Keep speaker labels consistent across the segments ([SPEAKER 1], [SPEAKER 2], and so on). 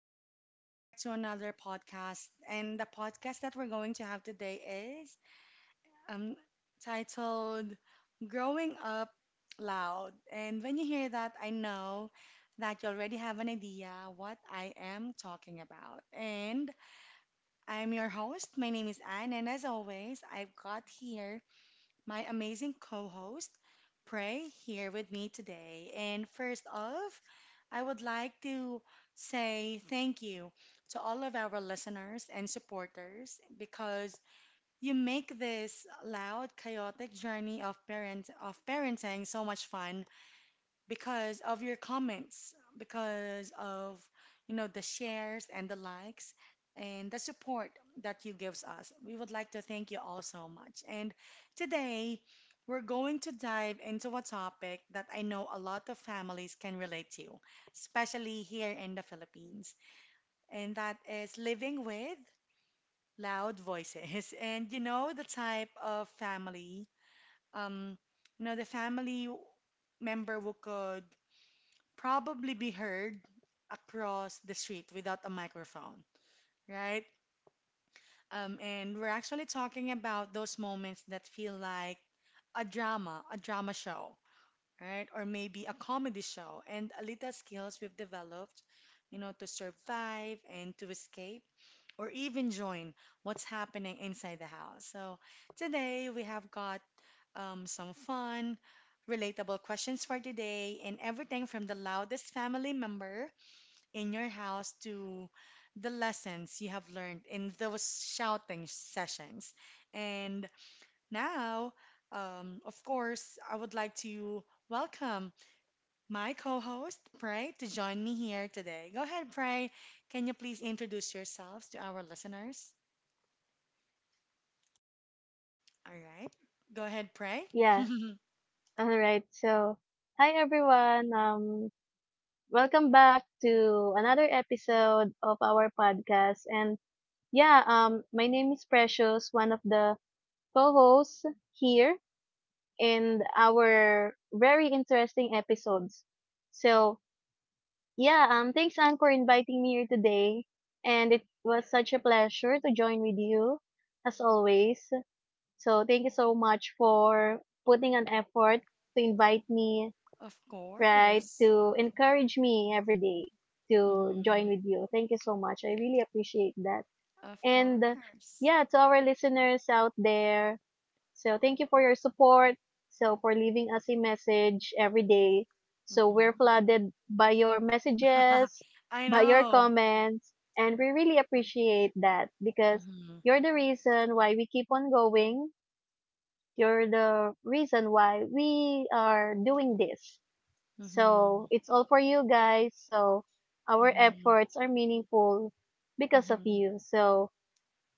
[SPEAKER 1] and welcome back to another podcast. And the podcast that we're going to have today is um, titled Growing Up Loud. And when you hear that, I know that you already have an idea what I am talking about. And I'm your host. My name is Anne, and as always, I've got here my amazing co host, Pray, here with me today. And first off, I would like to say thank you to all of our listeners and supporters because you make this loud, chaotic journey of parenting so much fun because of your comments, because of the shares and the likes and the support that you gives us. We would like to thank you all so much. And today we're going to dive into a topic that I know a lot of families can relate to, especially here in the Philippines, and that is living with loud voices. And you know the type of family um you know the family member who could probably be heard across the street without a microphone, right? And we're actually talking about those moments that feel like a drama show, right? Or maybe a comedy show, and a little skills we've developed, to survive and to escape, or even join what's happening inside the house. So today we have got some fun, relatable questions for today, and everything from the loudest family member in your house to the lessons you have learned in those shouting sessions. And now, of course, I would like to welcome my co host, Pray, to join me here today. Go ahead, Pray. Can you please introduce yourselves to our listeners? All right. Go ahead, Pray.
[SPEAKER 2] Yeah, all right. So, hi everyone. Welcome back to another episode of our podcast. And yeah, my name is Precious, one of the co-hosts here in our very interesting episodes. So, yeah, thanks Anne for inviting me here today, and it was such a pleasure to join with you as always. So, thank you so much for putting an effort to invite me
[SPEAKER 1] Of
[SPEAKER 2] right,
[SPEAKER 1] course.
[SPEAKER 2] to encourage me every day to
[SPEAKER 1] Hmm.
[SPEAKER 2] join with you. Thank you so much. I really appreciate that.
[SPEAKER 1] Of
[SPEAKER 2] And
[SPEAKER 1] course.
[SPEAKER 2] yeah, to our listeners out there, so thank you for your support. So for leaving us a message every day. So
[SPEAKER 1] Hmm.
[SPEAKER 2] we're flooded by your messages,
[SPEAKER 1] I
[SPEAKER 2] by your
[SPEAKER 1] know.
[SPEAKER 2] comments, and we really appreciate that because
[SPEAKER 1] Mm-hmm.
[SPEAKER 2] you're the reason why we keep on going. You're the reason why we are doing this. So
[SPEAKER 1] Hmm.
[SPEAKER 2] it's all for you guys. So our
[SPEAKER 1] Hmm.
[SPEAKER 2] efforts are meaningful because of
[SPEAKER 1] Mhm.
[SPEAKER 2] you. So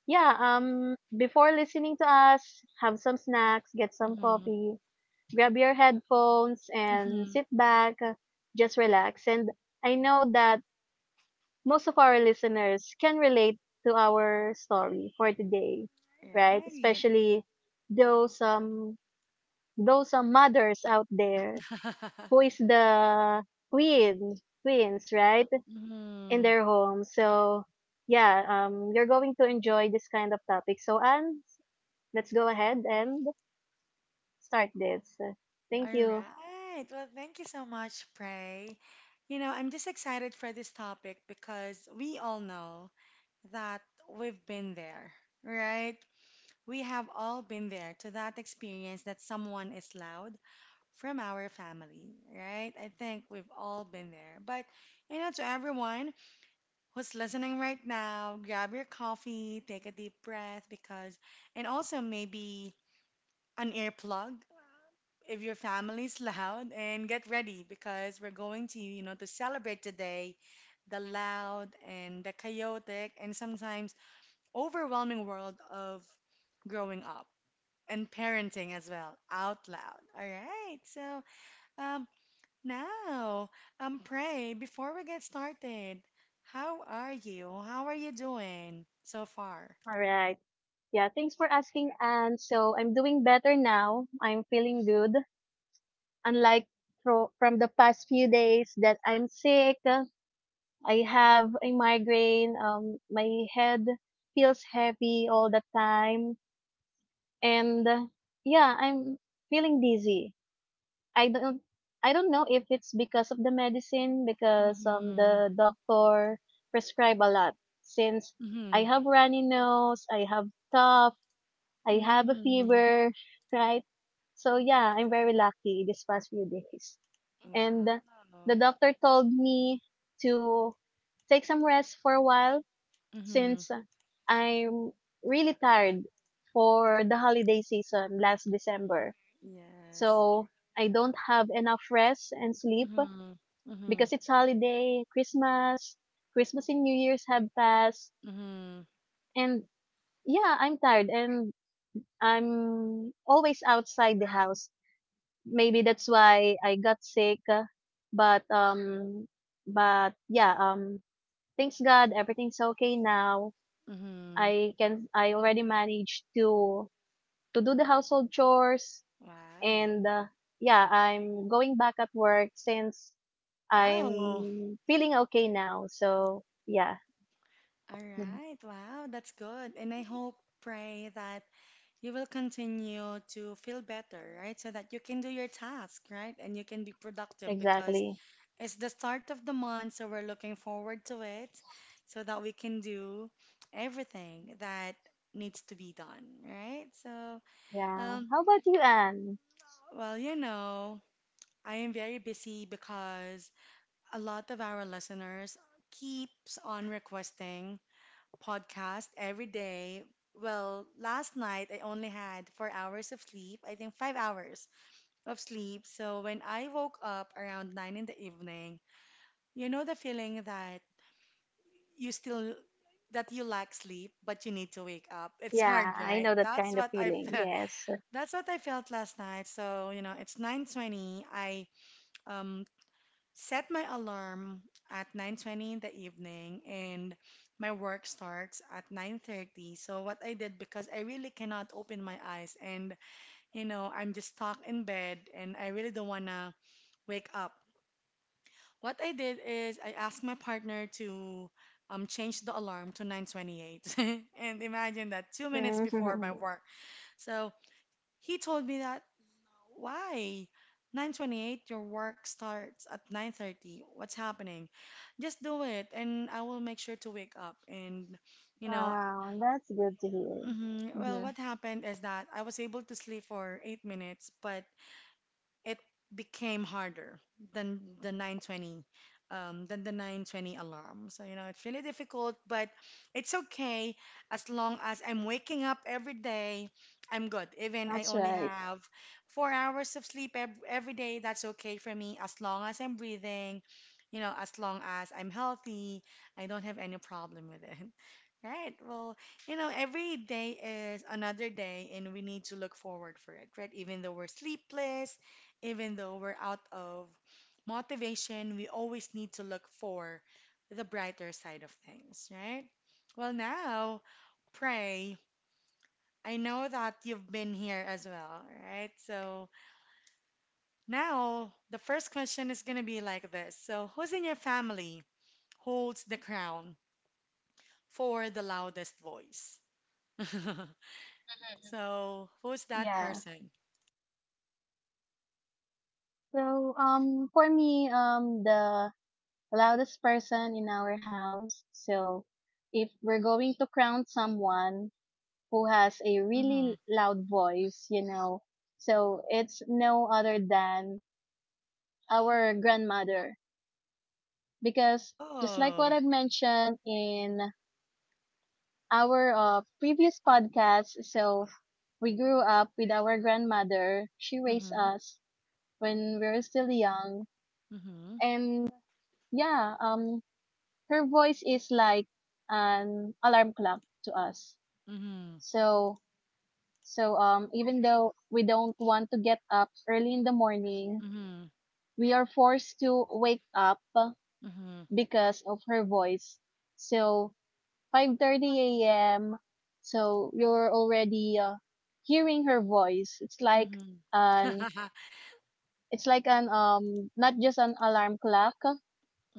[SPEAKER 2] yeah, before listening to us, have some snacks, get some
[SPEAKER 1] Mhm.
[SPEAKER 2] coffee, grab your headphones and
[SPEAKER 1] Mhm.
[SPEAKER 2] sit back, just relax. And I know that most of our listeners can relate to our story for today, right?
[SPEAKER 1] Right.
[SPEAKER 2] Especially those um those mothers out there who is the queen queens, right? In
[SPEAKER 1] Mhm.
[SPEAKER 2] their home. So, yeah, you're going to enjoy this kind of topic. So, Anne, let's go ahead and start this. Thank
[SPEAKER 1] All
[SPEAKER 2] you.
[SPEAKER 1] right. Well, thank you so much, Prey. You know, I'm just excited for this topic because we all know that we've been there, right? We have all been there to that experience that someone is loud from our family, right? I think we've all been there. But, you know, to everyone, who's listening right now, grab your coffee, take a deep breath because, and also maybe an earplug if your family's loud, and get ready because we're going to, to celebrate today the loud and the chaotic and sometimes overwhelming world of growing up and parenting as well out loud. All right. So, uh, now, Pray, before we get started, how are you? How are you doing so far?
[SPEAKER 2] All right. Yeah, thanks for asking, Anne. So, I'm doing better now. I'm feeling good. Unlike from the past few days that I'm sick, I have a migraine, my head feels heavy all the time and yeah, I'm feeling dizzy. i don't I don't know if it's because of the medicine, because
[SPEAKER 1] Mm-hmm.
[SPEAKER 2] the doctor prescribe a lot since
[SPEAKER 1] Mm-hmm.
[SPEAKER 2] I have runny nose, I have cough, I have a
[SPEAKER 1] Mm-hmm.
[SPEAKER 2] fever right? So yeah, I'm very lucky this past few days, and
[SPEAKER 1] Wow.
[SPEAKER 2] the doctor told me to take some rest for a while
[SPEAKER 1] Mm-hmm.
[SPEAKER 2] since I'm really tired for the holiday season last December.
[SPEAKER 1] Yes.
[SPEAKER 2] So I don't have enough rest and sleep
[SPEAKER 1] Mm-hmm. Mm-hmm.
[SPEAKER 2] because it's holiday, Christmas and New Year's have passed.
[SPEAKER 1] Mm-hmm.
[SPEAKER 2] And yeah, I'm tired and I'm always outside the house. Maybe that's why I got sick. But um but yeah, thanks God everything's okay now.
[SPEAKER 1] Mm-hmm.
[SPEAKER 2] I already managed to do the household chores.
[SPEAKER 1] Wow.
[SPEAKER 2] And yeah, I'm going back at work since
[SPEAKER 1] Wow.
[SPEAKER 2] I'm feeling okay now. So yeah,
[SPEAKER 1] All
[SPEAKER 2] Mhm.
[SPEAKER 1] right. Wow. That's good. And I hope, Pray, that you will continue to feel better, right? So that you can do your task, right? And you can be productive because
[SPEAKER 2] Exactly.
[SPEAKER 1] it's the start of the month, so we're looking forward to it so that we can do everything that needs to be done, right? So,
[SPEAKER 2] Yeah.
[SPEAKER 1] um,
[SPEAKER 2] How about you, Anne?
[SPEAKER 1] well, you know, I am very busy because a lot of our listeners keeps on requesting podcast every day. Well, last night I only had 4 hours of sleep, I think 5 hours of sleep. So when I woke up around 9 in the evening, you know the feeling that
[SPEAKER 2] Mhm.
[SPEAKER 1] you still that you lack sleep but you need to wake up. It's hard,
[SPEAKER 2] Yeah, I
[SPEAKER 1] right?
[SPEAKER 2] know that
[SPEAKER 1] That's
[SPEAKER 2] kind of
[SPEAKER 1] what I
[SPEAKER 2] feeling.
[SPEAKER 1] felt.
[SPEAKER 2] Yes.
[SPEAKER 1] That's what I felt last night. So you know, it's 9:20. I um set my alarm at 9:20 in the evening, and my work starts at 9:30. So what I did, because I really cannot open my eyes and I'm just stuck in bed and I really don't want to wake up, what I did is I asked my partner to change the alarm to 9:28, and imagine that 2 minutes before my
[SPEAKER 2] Mhm.
[SPEAKER 1] work. So he told me that why 9:28? Your work starts at 9:30. What's happening? Just do it, and I will make sure to wake up. And you know,
[SPEAKER 2] Wow, that's good to hear.
[SPEAKER 1] mhm, well,
[SPEAKER 2] Mhm.
[SPEAKER 1] what happened is that I was able to sleep for 8 minutes, but it became harder than the 9:20 alarm. So it's really difficult, but it's okay as long as I'm waking up every day, I'm good. Even I
[SPEAKER 2] That's
[SPEAKER 1] only
[SPEAKER 2] right.
[SPEAKER 1] have 4 hours of sleep ev every day, that's okay for me as long as I'm breathing, as long as I'm healthy, I don't have any problem with it. Right. Well, every day is another day, and we need to look forward for it, right? Even though we're sleepless, even though we're out of motivation, we always need to look for the brighter side of things, right? Well, now, Pray. I know that you've been here as well, right? So now the first question is going to be like this. So, who's in your family holds the crown for the loudest voice? So, who's that
[SPEAKER 2] Yeah.
[SPEAKER 1] person?
[SPEAKER 2] So, for me, the loudest person in our house. So, if we're going to crown someone who has a
[SPEAKER 1] Mm-hmm.
[SPEAKER 2] really loud voice, you know. So it's no other than our grandmother. Because just like what
[SPEAKER 1] Oh.
[SPEAKER 2] I've mentioned in our previous podcast, so we grew up with our grandmother. She raised
[SPEAKER 1] Mm-hmm.
[SPEAKER 2] us when we were still young.
[SPEAKER 1] Mm-hmm.
[SPEAKER 2] And yeah, um, her voice is like an alarm clock to us.
[SPEAKER 1] Mm-hmm.
[SPEAKER 2] So so even though we don't want to get up early in the morning,
[SPEAKER 1] Mm-hmm.
[SPEAKER 2] we are forced to wake up
[SPEAKER 1] Mm-hmm.
[SPEAKER 2] because of her voice. So 5:30 a.m. So you're already hearing her voice. An
[SPEAKER 1] Mm-hmm.
[SPEAKER 2] it's like an not just an alarm clock,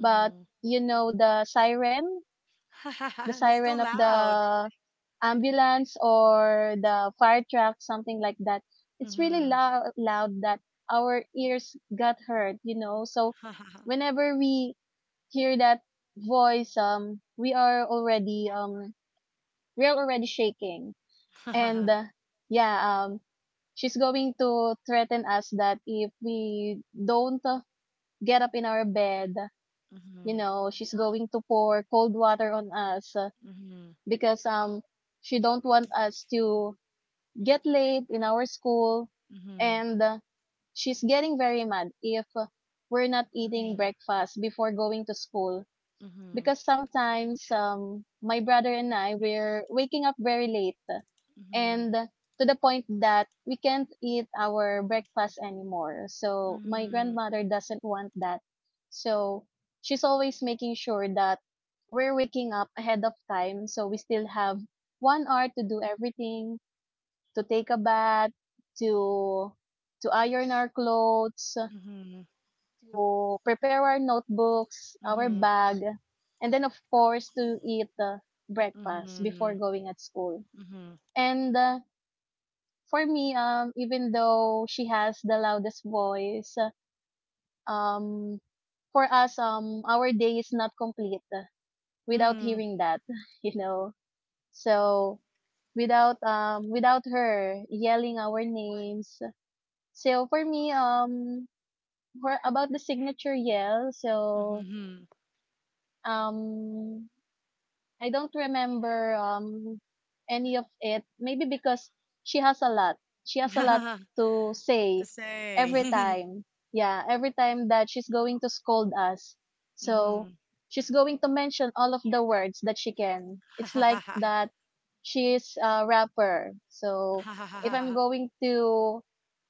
[SPEAKER 2] but you know the
[SPEAKER 1] That's too
[SPEAKER 2] siren of
[SPEAKER 1] loud.
[SPEAKER 2] the ambulance or the fire truck, something like that. It's really
[SPEAKER 1] Mm-hmm.
[SPEAKER 2] loud, loud that our ears got hurt, you know. So whenever we hear that voice, we are already shaking. And yeah, um, she's going to threaten us that if we don't get up in our bed, you
[SPEAKER 1] Mm-hmm.
[SPEAKER 2] know, she's going to pour cold water on us
[SPEAKER 1] Mm-hmm.
[SPEAKER 2] because, she don't want us to get late in our school. And she's getting very mad if we're not
[SPEAKER 1] Mm-hmm.
[SPEAKER 2] eating breakfast before going to school
[SPEAKER 1] Mm-hmm.
[SPEAKER 2] because sometimes my brother and I we're waking up very late and to the point that we can't eat our breakfast anymore.
[SPEAKER 1] Mm-hmm.
[SPEAKER 2] So my
[SPEAKER 1] Mm-hmm.
[SPEAKER 2] grandmother doesn't want that. So she's always making sure that we're waking up ahead of time so we still have 1 hour to do everything, to take a bath, to to iron our clothes,
[SPEAKER 1] Mm-hmm.
[SPEAKER 2] to prepare our notebooks, our
[SPEAKER 1] Mm-hmm.
[SPEAKER 2] bag, and then of course to eat breakfast
[SPEAKER 1] Mm-hmm.
[SPEAKER 2] before going at school.
[SPEAKER 1] Mm-hmm.
[SPEAKER 2] And for me, even though she has the loudest voice, um, for us, our day is not complete without
[SPEAKER 1] Mm-hmm.
[SPEAKER 2] hearing that, you know. So without her yelling our names. So for me, for about the signature yell, so
[SPEAKER 1] Mm-hmm.
[SPEAKER 2] um I don't remember any of it. Maybe because she has a lot. She has a lot
[SPEAKER 1] Mm-hmm.
[SPEAKER 2] to
[SPEAKER 1] To
[SPEAKER 2] say
[SPEAKER 1] say.
[SPEAKER 2] every time. Yeah, every time that she's going to scold us.
[SPEAKER 1] Mm-hmm.
[SPEAKER 2] So she's going to mention all of the words that she can. It's like that she's a rapper. So if I'm going to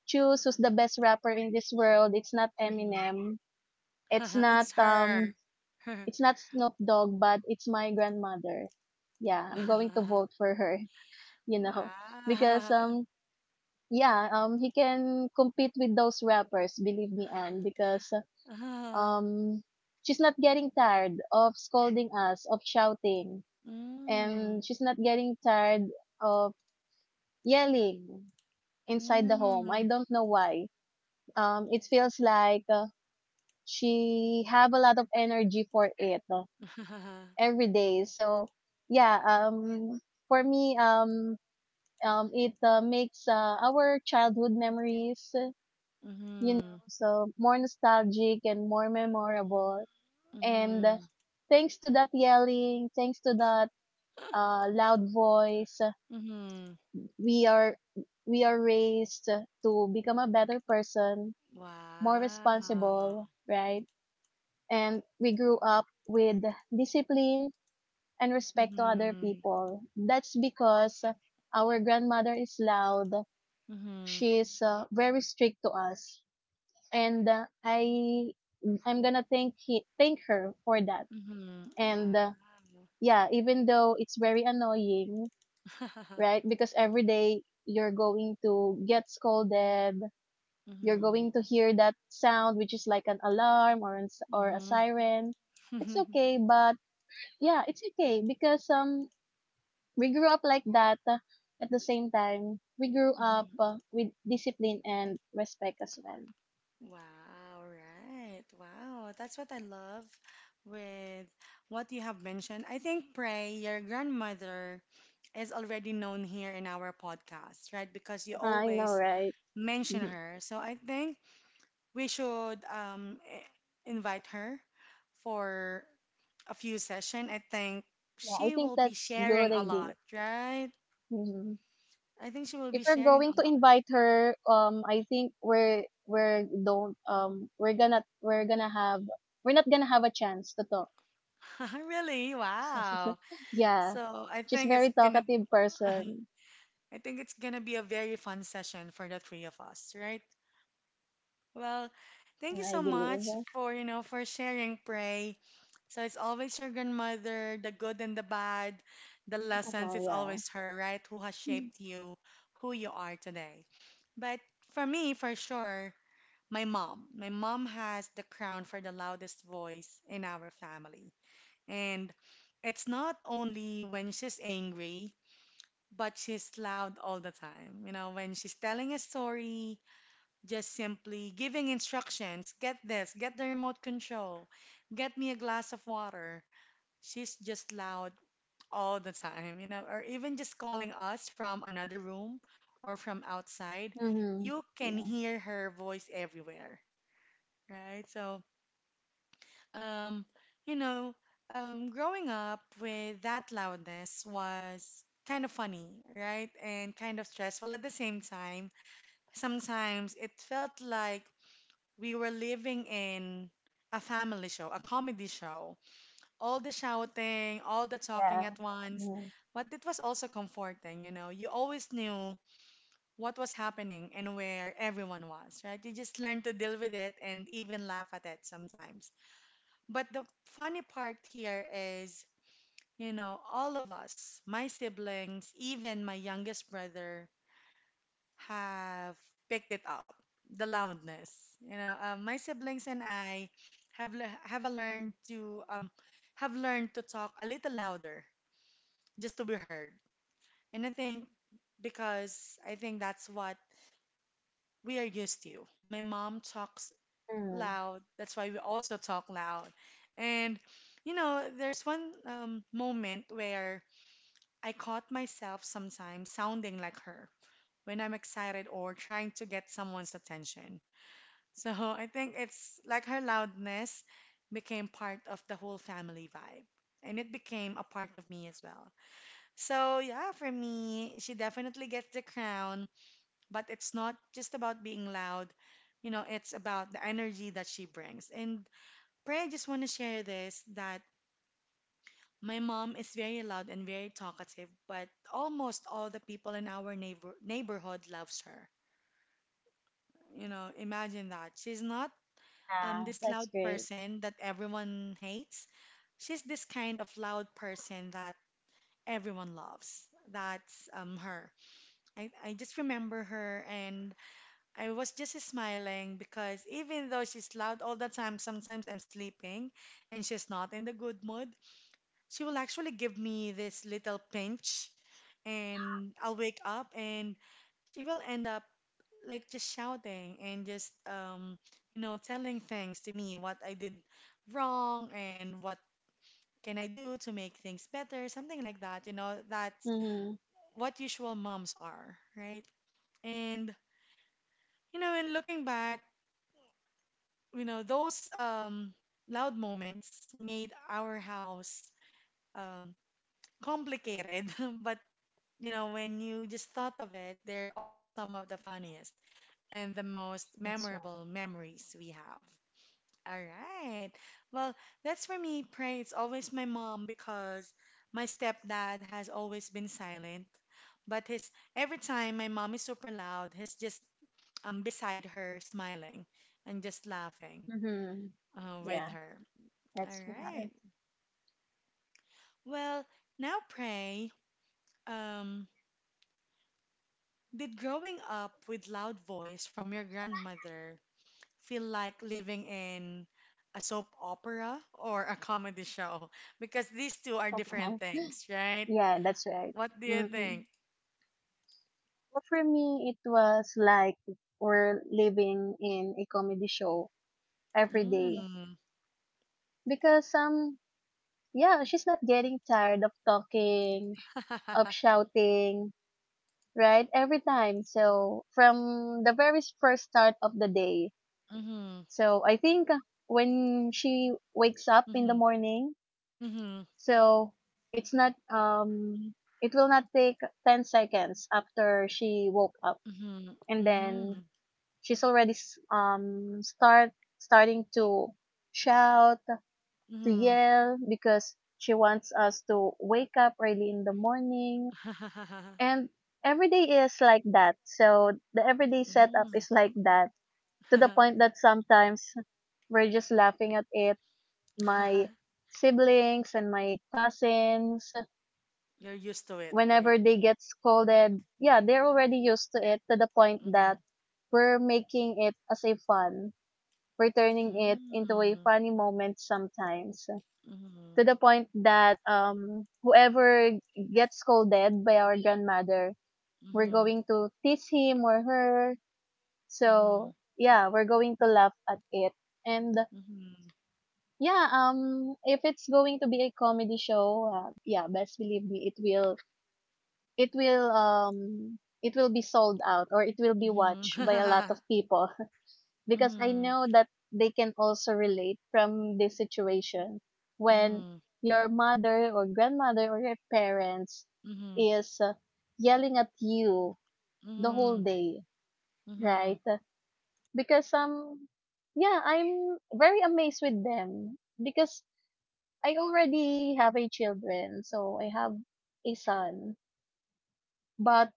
[SPEAKER 2] choose who's the best rapper in this world, it's not
[SPEAKER 1] Mm-hmm.
[SPEAKER 2] Eminem. It's not
[SPEAKER 1] It's her.
[SPEAKER 2] um it's not Snoop Dogg, but it's my grandmother. Yeah, I'm going to vote for her, you know, because
[SPEAKER 1] Wow.
[SPEAKER 2] yeah, he can compete with those rappers, believe me, Anne, because um she's not getting tired of scolding us, of shouting,
[SPEAKER 1] Mm.
[SPEAKER 2] and she's not getting tired of yelling inside the home. I
[SPEAKER 1] Mm.
[SPEAKER 2] don't know why. It feels like she have a lot of energy for it every day. So yeah, um, for me, it makes our childhood memories, you know,
[SPEAKER 1] Mhm.
[SPEAKER 2] so more nostalgic and more memorable. And
[SPEAKER 1] Mhm.
[SPEAKER 2] thanks to that yelling, thanks to that loud voice,
[SPEAKER 1] Mhm.
[SPEAKER 2] we are raised to become a better person, more
[SPEAKER 1] Wow.
[SPEAKER 2] responsible, right? And we grew up with discipline and respect to other
[SPEAKER 1] Mhm.
[SPEAKER 2] people. That's because our grandmother is loud.
[SPEAKER 1] Mhm.
[SPEAKER 2] She's very strict to us, and I'm gonna thank her for that.
[SPEAKER 1] Mhm. Wow.
[SPEAKER 2] And yeah, even though it's very annoying, right? Because every day you're going to get scolded. You're
[SPEAKER 1] Mhm.
[SPEAKER 2] going to hear that sound, which is like an alarm or or a
[SPEAKER 1] Mhm.
[SPEAKER 2] siren. It's okay, but yeah, it's okay because we grew up like that. At the same time, we grew up
[SPEAKER 1] Mhm.
[SPEAKER 2] with discipline and respect as well.
[SPEAKER 1] Wow, right. Wow, that's what I love with what you have mentioned. I think Pray, your grandmother is already known here in our podcast, right? Because you
[SPEAKER 2] I know,
[SPEAKER 1] always
[SPEAKER 2] right?
[SPEAKER 1] mention
[SPEAKER 2] Mhm.
[SPEAKER 1] her. So I think we should invite her for a few session. I think
[SPEAKER 2] Yeah, I
[SPEAKER 1] she
[SPEAKER 2] think
[SPEAKER 1] will be
[SPEAKER 2] that's good
[SPEAKER 1] sharing a
[SPEAKER 2] idea.
[SPEAKER 1] lot, right?
[SPEAKER 2] Mhm.
[SPEAKER 1] I think she will
[SPEAKER 2] If
[SPEAKER 1] be
[SPEAKER 2] we're
[SPEAKER 1] sharing a
[SPEAKER 2] going to
[SPEAKER 1] lot.
[SPEAKER 2] invite her, I think we're don't we're gonna have we're not gonna have a chance to talk.
[SPEAKER 1] Really? Wow.
[SPEAKER 2] yeah,
[SPEAKER 1] So I
[SPEAKER 2] she's
[SPEAKER 1] think it's
[SPEAKER 2] very
[SPEAKER 1] gonna
[SPEAKER 2] talkative person.
[SPEAKER 1] I think it's gonna be a very fun session for the three of us, right? Well, thank
[SPEAKER 2] Mm,
[SPEAKER 1] you
[SPEAKER 2] I
[SPEAKER 1] so much
[SPEAKER 2] believe.
[SPEAKER 1] for sharing, Pray. So it's always your grandmother, the good and the bad, the lessons,
[SPEAKER 2] Oh
[SPEAKER 1] it's
[SPEAKER 2] yeah.
[SPEAKER 1] always her, right? Who has shaped you, who you are today. But for me, for sure, my mom. My mom has the crown for the loudest voice in our family. And it's not only when she's angry, but she's loud all the time. You know, when she's telling a story, just simply giving instructions get this, get the remote control, get me a glass of water. She's just loud all the time, or even just calling us from another room or from outside.
[SPEAKER 2] Mm-hmm.
[SPEAKER 1] You can
[SPEAKER 2] Yeah.
[SPEAKER 1] hear her voice everywhere, right? So, um, you know, growing up with that loudness was kind of funny, right? And kind of stressful at the same time. Sometimes it felt like we were living in a family show, a comedy show. All the shouting, all the talking
[SPEAKER 2] Yeah.
[SPEAKER 1] at once, but it was also comforting, you know. You always knew what was happening and where everyone was, right? You just learned to deal with it and even laugh at it sometimes. But the funny part here is, all of us, my siblings, even my youngest brother, have picked it up, the loudness. My siblings and I have le- have a learned to have learned to talk a little louder just to be heard. And I think that's what we are used to. My mom talks
[SPEAKER 2] Mm.
[SPEAKER 1] loud, that's why we also talk loud. And there's one moment where I caught myself sometimes sounding like her when I'm excited or trying to get someone's attention. So I think it's like her loudness became part of the whole family vibe. And it became a part of me as well. So yeah, for me, she definitely gets the crown, but it's not just about being loud. It's about the energy that she brings. And Pray, I just want to share this that my mom is very loud and very talkative, but almost all the people in our neighborhood loves her. Imagine that. She's not
[SPEAKER 2] Yeah,
[SPEAKER 1] this
[SPEAKER 2] that's
[SPEAKER 1] loud
[SPEAKER 2] great.
[SPEAKER 1] person that everyone hates. She's this kind of loud person that everyone loves. That's her. I just remember her and I was just smiling because even though she's loud all the time, sometimes I'm sleeping and she's not in the good mood, she will actually give me this little pinch and I'll wake up and she will end up like just shouting and just telling things to me what I did wrong and what can I do to make things better, something like that. That's
[SPEAKER 2] Mhm.
[SPEAKER 1] what usual moms are, right? And in looking back, those loud moments made our house um complicated, but when you just thought of it, they're also some of the funniest and the most
[SPEAKER 2] That's right.
[SPEAKER 1] memorable memories we have. All right. Well, that's for me, pray it's always my mom because my stepdad has always been silent. But his every time my mom is super loud, he's just beside her smiling and just laughing
[SPEAKER 2] Mhm.
[SPEAKER 1] with
[SPEAKER 2] Yeah,
[SPEAKER 1] her. All
[SPEAKER 2] that's yeah.
[SPEAKER 1] right. Well, now pray. Um, did growing up with loud voice from your grandmother feel like living in a soap opera or a comedy show because these two are different
[SPEAKER 2] Uh-huh.
[SPEAKER 1] things, right?
[SPEAKER 2] Yeah, that's right.
[SPEAKER 1] What do you
[SPEAKER 2] Mhm.
[SPEAKER 1] think?
[SPEAKER 2] Well, for me, it was like we're living in a comedy show every day
[SPEAKER 1] Mm.
[SPEAKER 2] because yeah, she's not getting tired of talking, of shouting, right? Every time. So from the very first start of the day.
[SPEAKER 1] Mm-hmm.
[SPEAKER 2] So I think when she wakes up in
[SPEAKER 1] Mm-hmm.
[SPEAKER 2] the morning,
[SPEAKER 1] Mm-hmm.
[SPEAKER 2] so it's not um it will not take 10 seconds after she woke up
[SPEAKER 1] Mm-hmm.
[SPEAKER 2] and
[SPEAKER 1] Mm-hmm.
[SPEAKER 2] then she's already starting to shout, to
[SPEAKER 1] Mm-hmm.
[SPEAKER 2] yell because she wants us to wake up early in the morning, and every day is like that. So the everyday setup
[SPEAKER 1] Mm.
[SPEAKER 2] is like that to the point that sometimes we're just laughing at it. My siblings and my cousins
[SPEAKER 1] You're used to it, right?
[SPEAKER 2] whenever they get scolded, yeah, they're already used to it to the point
[SPEAKER 1] Mm-hmm.
[SPEAKER 2] that we're making it as a fun. We're turning it into a
[SPEAKER 1] Mm-hmm.
[SPEAKER 2] funny moment sometimes.
[SPEAKER 1] Mm-hmm.
[SPEAKER 2] To the point that whoever gets scolded by our grandmother, we're
[SPEAKER 1] Mm-hmm.
[SPEAKER 2] going to tease him or her.
[SPEAKER 1] Mm-hmm.
[SPEAKER 2] So yeah, we're going to laugh at it. And
[SPEAKER 1] Mm-hmm.
[SPEAKER 2] yeah, if it's going to be a comedy show, yeah, best believe me, it will it will be sold out or it will be watched by a lot
[SPEAKER 1] Mm-hmm.
[SPEAKER 2] of people because I
[SPEAKER 1] Mm-hmm.
[SPEAKER 2] know that they can also relate from this situation when
[SPEAKER 1] Mm-hmm.
[SPEAKER 2] your mother or grandmother or your parents
[SPEAKER 1] Mm-hmm.
[SPEAKER 2] is yelling at you the whole
[SPEAKER 1] Mm-hmm.
[SPEAKER 2] day,
[SPEAKER 1] Mm-hmm.
[SPEAKER 2] right? Because yeah, I'm very amazed with them because I already have a children, so I have a son. But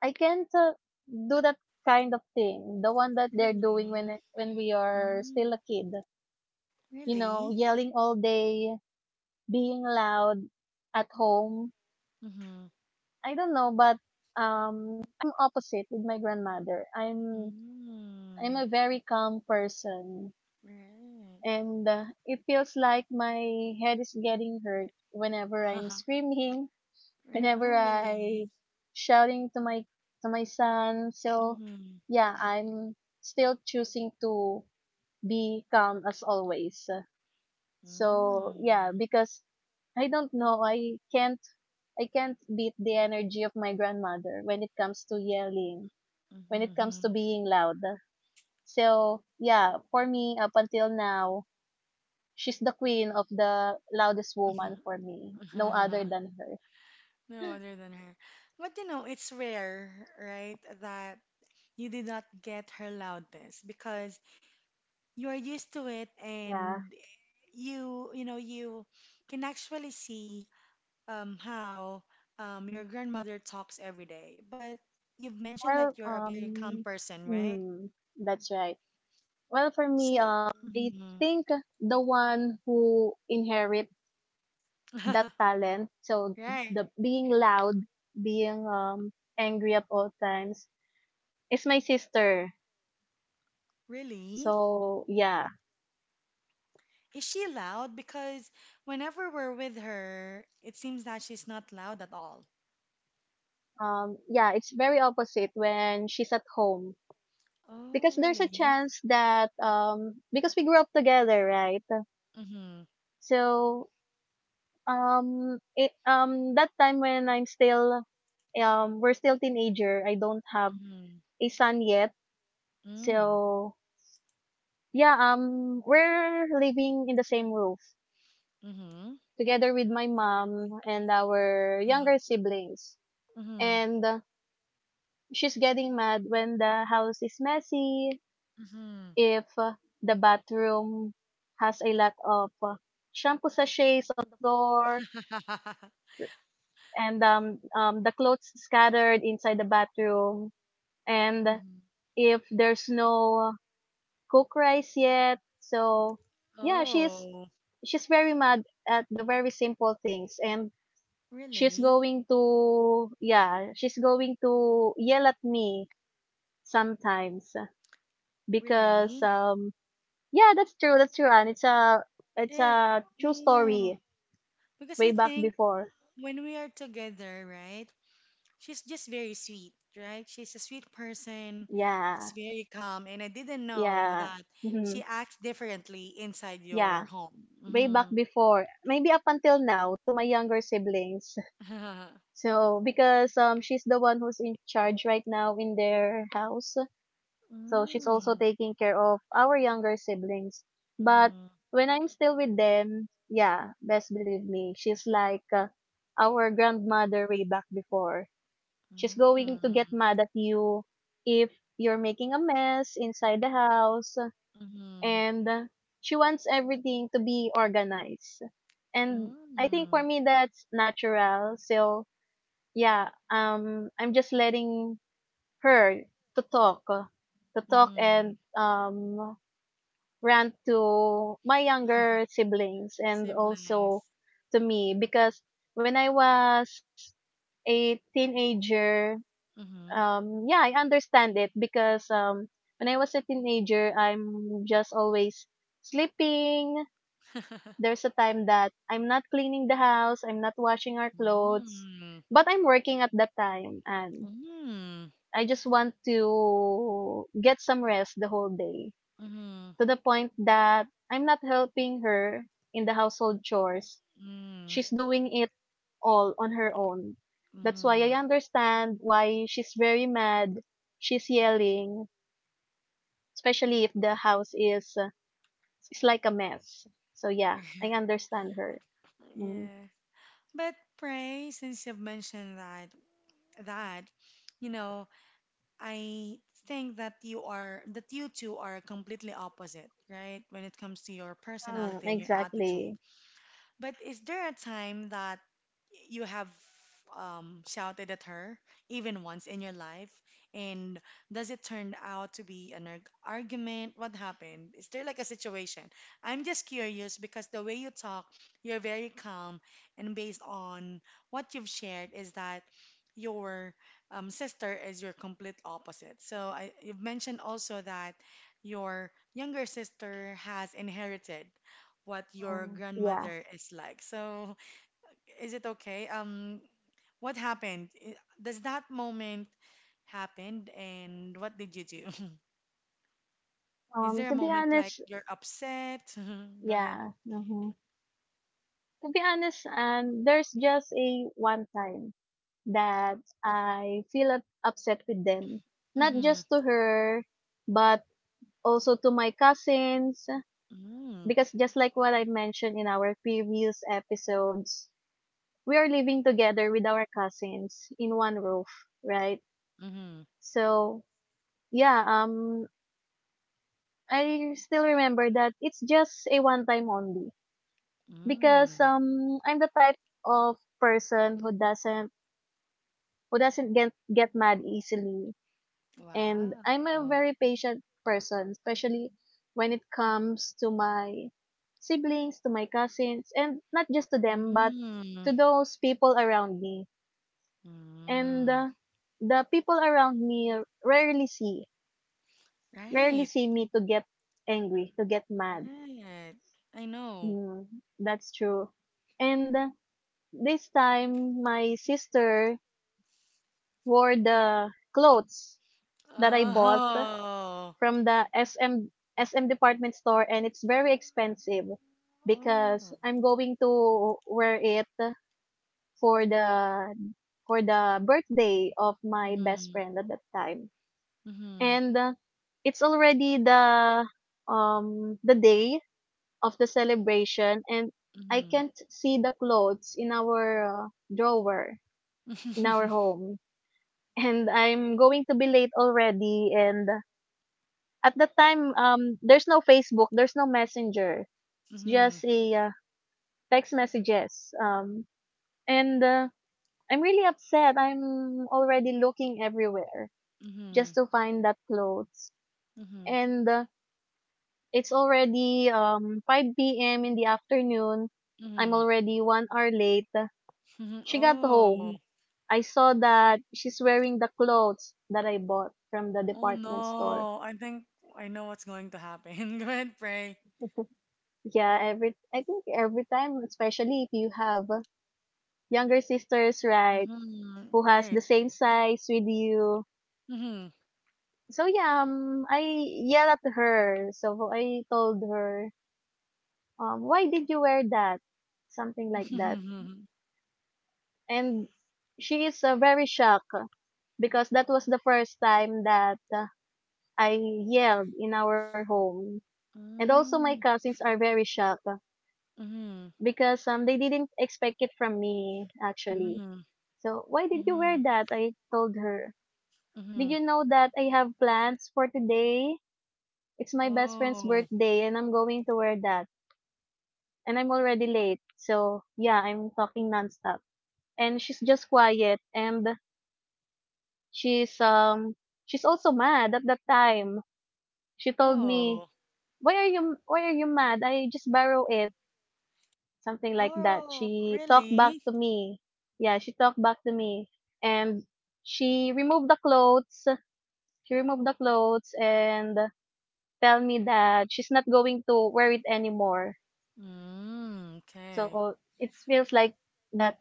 [SPEAKER 2] I can't do that kind of thing. The one that they're doing when
[SPEAKER 1] Really?
[SPEAKER 2] when we are
[SPEAKER 1] Mm,
[SPEAKER 2] still a kid. You know,
[SPEAKER 1] really?
[SPEAKER 2] yelling all day, being loud at home.
[SPEAKER 1] Mm-hmm.
[SPEAKER 2] I don't know, but um, I'm opposite with my grandmother. I'm
[SPEAKER 1] Mm-hmm.
[SPEAKER 2] a very calm person,
[SPEAKER 1] Right.
[SPEAKER 2] and it feels like my head is getting hurt whenever I'm screaming,
[SPEAKER 1] Right.
[SPEAKER 2] whenever
[SPEAKER 1] Oh,
[SPEAKER 2] I
[SPEAKER 1] really?
[SPEAKER 2] shouting to my son. So
[SPEAKER 1] Mm-hmm.
[SPEAKER 2] yeah, I'm still choosing to be calm as always. So yeah,
[SPEAKER 1] Mm-hmm.
[SPEAKER 2] because I don't know, I can't beat the energy of my grandmother when it comes to yelling, when it comes to
[SPEAKER 1] Mm-hmm.
[SPEAKER 2] being loud. So yeah, for me up until now, she's the queen of the loudest woman for me. No other than her.
[SPEAKER 1] No other than her. But you know, it's rare, right, that you did not get her loudness because you are used to it
[SPEAKER 2] Yeah.
[SPEAKER 1] and you can actually see how your grandmother talks every day, but you've mentioned that
[SPEAKER 2] Well,
[SPEAKER 1] you're a very calm
[SPEAKER 2] um,
[SPEAKER 1] person, right?
[SPEAKER 2] mm, that's right. Well, for me,
[SPEAKER 1] So,
[SPEAKER 2] I
[SPEAKER 1] mhm.
[SPEAKER 2] think the one who inherit that talent, so
[SPEAKER 1] right,
[SPEAKER 2] the being loud, being angry at all times, is my sister.
[SPEAKER 1] really?
[SPEAKER 2] So
[SPEAKER 1] Is she loud? Because whenever we're with her, it seems that she's not loud at all.
[SPEAKER 2] yeah, it's very opposite when she's at home
[SPEAKER 1] Oh,
[SPEAKER 2] because there's a
[SPEAKER 1] really?
[SPEAKER 2] chance that because we grew up together, right?
[SPEAKER 1] Mm-hmm.
[SPEAKER 2] So that time when I'm still, we're still teenager, I don't have
[SPEAKER 1] Mm-hmm.
[SPEAKER 2] a son yet.
[SPEAKER 1] Mm-hmm.
[SPEAKER 2] So, yeah, we're living in the same roof
[SPEAKER 1] Mm-hmm.
[SPEAKER 2] together with my mom and our younger siblings.
[SPEAKER 1] Mm-hmm.
[SPEAKER 2] And she's getting mad when the house is messy,
[SPEAKER 1] Mm-hmm.
[SPEAKER 2] if the bathroom has a lot of shampoo sachets on the floor, and the clothes scattered inside the bathroom, and
[SPEAKER 1] Mhm.
[SPEAKER 2] if there's no cook rice yet. So yeah she's
[SPEAKER 1] Oh,
[SPEAKER 2] she's very mad at the very simple things, and she's
[SPEAKER 1] really?
[SPEAKER 2] going to yeah she's going to yell at me sometimes because
[SPEAKER 1] Really?
[SPEAKER 2] yeah, that's true, that's true, and it's a it's
[SPEAKER 1] It,
[SPEAKER 2] a true
[SPEAKER 1] oh,
[SPEAKER 2] story
[SPEAKER 1] Because
[SPEAKER 2] way
[SPEAKER 1] I
[SPEAKER 2] back
[SPEAKER 1] think
[SPEAKER 2] before.
[SPEAKER 1] when we are together, right? She's just very sweet, right? She's a sweet person. She's
[SPEAKER 2] yeah
[SPEAKER 1] very calm, and I didn't know
[SPEAKER 2] yeah
[SPEAKER 1] that she
[SPEAKER 2] mhm,
[SPEAKER 1] acts differently inside your
[SPEAKER 2] yeah
[SPEAKER 1] home.
[SPEAKER 2] Way back
[SPEAKER 1] Mm-hmm.
[SPEAKER 2] before, maybe up until now to my younger siblings. So because she's the one who's in charge right now in their house. So she's
[SPEAKER 1] Mm-hmm.
[SPEAKER 2] also taking care of our younger siblings. But
[SPEAKER 1] Mm-hmm.
[SPEAKER 2] when I'm still with them, yeah, best believe me, she's like our grandmother way back before. She's going to get mad at you if you're making a mess inside the house,
[SPEAKER 1] Mm-hmm.
[SPEAKER 2] and she wants everything to be organized. And I think
[SPEAKER 1] Mm-hmm.
[SPEAKER 2] for me that's natural. So yeah, I'm just letting her to talk uh, to talk
[SPEAKER 1] Mm-hmm.
[SPEAKER 2] and rant to my younger siblings and also
[SPEAKER 1] Siblings.
[SPEAKER 2] to me because when I was a teenager,
[SPEAKER 1] Mm-hmm.
[SPEAKER 2] yeah, I understand it because when I was a teenager I'm just always sleeping. There's a time that I'm not cleaning the house, I'm not washing our clothes,
[SPEAKER 1] Mm-hmm.
[SPEAKER 2] but I'm working at that time, and
[SPEAKER 1] Mm-hmm.
[SPEAKER 2] I just want to get some rest the whole day,
[SPEAKER 1] Mm-hmm.
[SPEAKER 2] to the point that I'm not helping her in the household chores. She's doing it all on her own. That's why
[SPEAKER 1] Mm-hmm.
[SPEAKER 2] I understand why she's very mad. She's yelling, especially if the house is like a mess. So yeah, I understand her. Mm.
[SPEAKER 1] Yeah. But pray, since you've mentioned that that, you know, I think that you two are completely opposite, right? When it comes to your
[SPEAKER 2] Mm,
[SPEAKER 1] personality and your attitude.
[SPEAKER 2] exactly.
[SPEAKER 1] But is there a time that you have shouted at her, even once in your life? And does it turn out to be an argument? What happened? Is there like a situation? I'm just curious because the way you talk, you're very calm, and based on what you've shared, is that your sister is your complete opposite. So I, you've mentioned also that your younger sister has inherited what your
[SPEAKER 2] Mm, yeah.
[SPEAKER 1] grandmother is like. So, is it okay? What happened? Does that moment happened and what did you do? Is there a
[SPEAKER 2] To be
[SPEAKER 1] moment like
[SPEAKER 2] honest,
[SPEAKER 1] you're upset? Go ahead.
[SPEAKER 2] yeah. Mhm. To be honest, there's just a one time that I feel upset with them. Not
[SPEAKER 1] Mm-hmm.
[SPEAKER 2] just to her, but also to my cousins.
[SPEAKER 1] Mm-hmm.
[SPEAKER 2] Because just like what I mentioned in our previous episodes, we are living together with our cousins in one roof, right?
[SPEAKER 1] Mm-hmm.
[SPEAKER 2] So, yeah, um, I still remember that it's just a one time only. Because,
[SPEAKER 1] Mm.
[SPEAKER 2] I'm the type of person who doesn't get mad easily. And I'm a
[SPEAKER 1] Wow.
[SPEAKER 2] very patient person, especially when it comes to my siblings, to my cousins, and not just to them, but
[SPEAKER 1] Mm.
[SPEAKER 2] to those people around me. And
[SPEAKER 1] Mm.
[SPEAKER 2] the people around me rarely see, rarely
[SPEAKER 1] Right.
[SPEAKER 2] see me to get angry, to get mad.
[SPEAKER 1] Right. I know.
[SPEAKER 2] Mm, that's true. And this time, my sister wore the clothes that I bought
[SPEAKER 1] Oh.
[SPEAKER 2] from the SM department store, and it's very expensive because
[SPEAKER 1] Oh.
[SPEAKER 2] I'm going to wear it for the for the birthday of my best
[SPEAKER 1] Mm-hmm.
[SPEAKER 2] friend at that time.
[SPEAKER 1] Mm-hmm.
[SPEAKER 2] And it's already the day of the celebration, and I can't see the clothes in our drawer in our
[SPEAKER 1] Mm-hmm.
[SPEAKER 2] home, and I'm going to be late already. And at that time, there's no Facebook, there's no Messenger. It's
[SPEAKER 1] Mhm.
[SPEAKER 2] just a text messages. And I'm really upset. I'm already looking everywhere just
[SPEAKER 1] Mhm.
[SPEAKER 2] to find that clothes.
[SPEAKER 1] Mhm.
[SPEAKER 2] And it's already 5 p.m. in the afternoon. I'm
[SPEAKER 1] Mhm.
[SPEAKER 2] already 1 hour late.
[SPEAKER 1] Mhm.
[SPEAKER 2] She got
[SPEAKER 1] Oh.
[SPEAKER 2] home. I saw that she's wearing the clothes that I bought from the
[SPEAKER 1] Oh
[SPEAKER 2] department store.
[SPEAKER 1] no. I think I know what's going to happen. Go ahead, pray.
[SPEAKER 2] Yeah, every I think every time, especially if you have younger sisters, right,
[SPEAKER 1] Mhm.
[SPEAKER 2] who has
[SPEAKER 1] Right.
[SPEAKER 2] the same size with you.
[SPEAKER 1] Mhm.
[SPEAKER 2] So I yelled at her. So I told her, why did you wear that? Something like that.
[SPEAKER 1] Mhm.
[SPEAKER 2] And she is very shocked because that was the first time that I yelled in our home. And also my
[SPEAKER 1] Mm.
[SPEAKER 2] cousins are very shocked
[SPEAKER 1] Mhm.
[SPEAKER 2] because they didn't expect it from me actually.
[SPEAKER 1] Mhm.
[SPEAKER 2] So why did you wear
[SPEAKER 1] Mhm.
[SPEAKER 2] that? I told her. Did
[SPEAKER 1] Mhm.
[SPEAKER 2] you know that I have plans for today? It's my best friend's
[SPEAKER 1] Oh.
[SPEAKER 2] birthday and I'm going to wear that. And I'm already late. So, yeah, I'm talking nonstop. And she's just quiet, and she's um she's also mad at that time. She told me,
[SPEAKER 1] Oh.
[SPEAKER 2] Why are you mad? I just borrow it." Something like that.
[SPEAKER 1] Oh,
[SPEAKER 2] She talked back
[SPEAKER 1] really?
[SPEAKER 2] to me. Yeah, she talked back to me, and she removed the clothes. She removed the clothes and tell me that she's not going to wear it anymore.
[SPEAKER 1] Mm, okay.
[SPEAKER 2] So it feels like that,